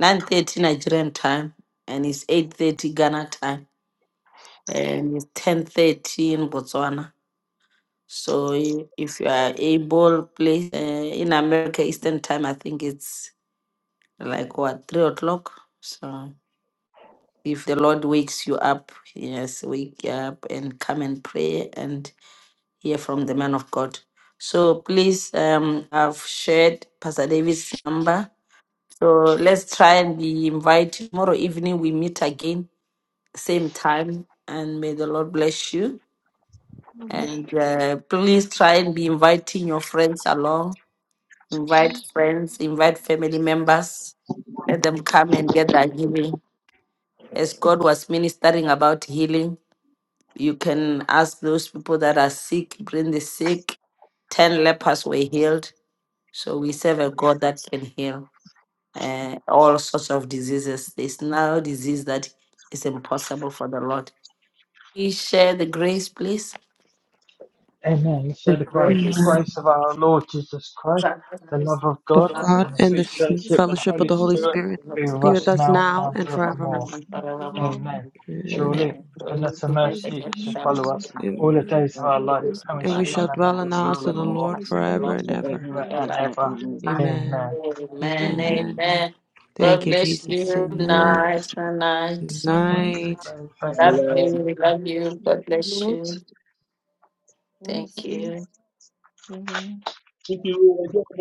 Speaker 1: 9.30 Nigerian time. And it's 8.30 Ghana time. and it's 10.30 in Botswana. So i- if you are able, please, uh, in America, Eastern time, I think it's like what, 3 o'clock? So if the Lord wakes you up, yes, wake up and come and pray and hear from the man of God. So please, um, I've shared Pastor David's number. So let's try and be invited tomorrow evening. We meet again, same time, and may the Lord bless you.
Speaker 6: Amen.
Speaker 1: And uh, please try and be inviting your friends along. Invite friends, invite family members. Let them come and get that healing. As God was ministering about healing, you can ask those people that are sick, bring the sick. Ten lepers were healed. So we serve a God that can heal uh, all sorts of diseases. There's no disease that is impossible for the Lord. Please share the grace, please.
Speaker 9: Amen. Let's share the grace. The
Speaker 1: Grace.
Speaker 10: Amen.
Speaker 9: grace of our Lord Jesus Christ, the love of
Speaker 10: The
Speaker 9: God, and
Speaker 10: God
Speaker 9: the
Speaker 10: and the
Speaker 9: sweet
Speaker 10: sweet
Speaker 9: fellowship and
Speaker 10: fellowship of
Speaker 9: Holy
Speaker 10: the Holy
Speaker 9: Spirit
Speaker 10: Spirit
Speaker 9: be with
Speaker 10: be with
Speaker 9: us
Speaker 10: us
Speaker 9: now
Speaker 10: now
Speaker 9: and
Speaker 10: and
Speaker 9: forevermore.
Speaker 10: forevermore.
Speaker 9: Amen.
Speaker 10: And,
Speaker 9: Surely,
Speaker 1: Amen. Holy
Speaker 9: goodness and
Speaker 1: goodness
Speaker 3: Lord, we
Speaker 1: and
Speaker 9: mercy
Speaker 1: every
Speaker 9: shall
Speaker 3: submit
Speaker 1: time
Speaker 3: to
Speaker 9: follow
Speaker 1: of
Speaker 3: you
Speaker 9: us
Speaker 3: to
Speaker 11: mercy,
Speaker 10: and,
Speaker 1: the
Speaker 3: thank
Speaker 9: all the
Speaker 11: Lord,
Speaker 3: you
Speaker 9: days of
Speaker 11: for
Speaker 3: that
Speaker 9: our
Speaker 3: all
Speaker 9: life,
Speaker 3: faith
Speaker 1: Lord's
Speaker 9: and
Speaker 3: is
Speaker 9: we
Speaker 10: and
Speaker 9: shall
Speaker 10: we
Speaker 3: our
Speaker 1: Father,
Speaker 11: forgiveness,
Speaker 10: shall
Speaker 9: dwell
Speaker 3: last
Speaker 9: in the
Speaker 10: dwell in the
Speaker 9: house
Speaker 11: forgiveness
Speaker 4: Amen.
Speaker 9: of the
Speaker 10: house of
Speaker 1: when
Speaker 10: the
Speaker 1: we
Speaker 9: Lord
Speaker 3: financial
Speaker 10: Lord
Speaker 1: watch
Speaker 3: aid
Speaker 1: the
Speaker 3: in
Speaker 10: forever
Speaker 3: the
Speaker 1: Lord,
Speaker 10: and
Speaker 11: for
Speaker 3: house of
Speaker 10: ever.
Speaker 3: the
Speaker 11: everyone
Speaker 9: favor
Speaker 3: Lord
Speaker 1: ever
Speaker 9: and
Speaker 11: that got
Speaker 9: ever.
Speaker 11: on me.
Speaker 1: and
Speaker 3: and
Speaker 1: ever.
Speaker 3: ever.
Speaker 10: Amen.
Speaker 9: Amen.
Speaker 1: Amen.
Speaker 9: Amen.
Speaker 3: Amen.
Speaker 10: Amen.
Speaker 1: Amen. God
Speaker 10: Thank you,
Speaker 1: bless
Speaker 10: Jesus.
Speaker 1: you.
Speaker 10: Amen.
Speaker 1: Night,
Speaker 10: Good
Speaker 1: night.
Speaker 9: Bye,
Speaker 3: Now,
Speaker 10: night.
Speaker 9: bye, bye, bye,
Speaker 1: Love
Speaker 4: Shalom,
Speaker 1: you.
Speaker 9: bye.
Speaker 1: Love
Speaker 4: everyone.
Speaker 1: you.
Speaker 3: Lord,
Speaker 1: God bless you.
Speaker 3: lords, Lord,
Speaker 1: Thank
Speaker 3: thank
Speaker 1: you.
Speaker 2: Thank you.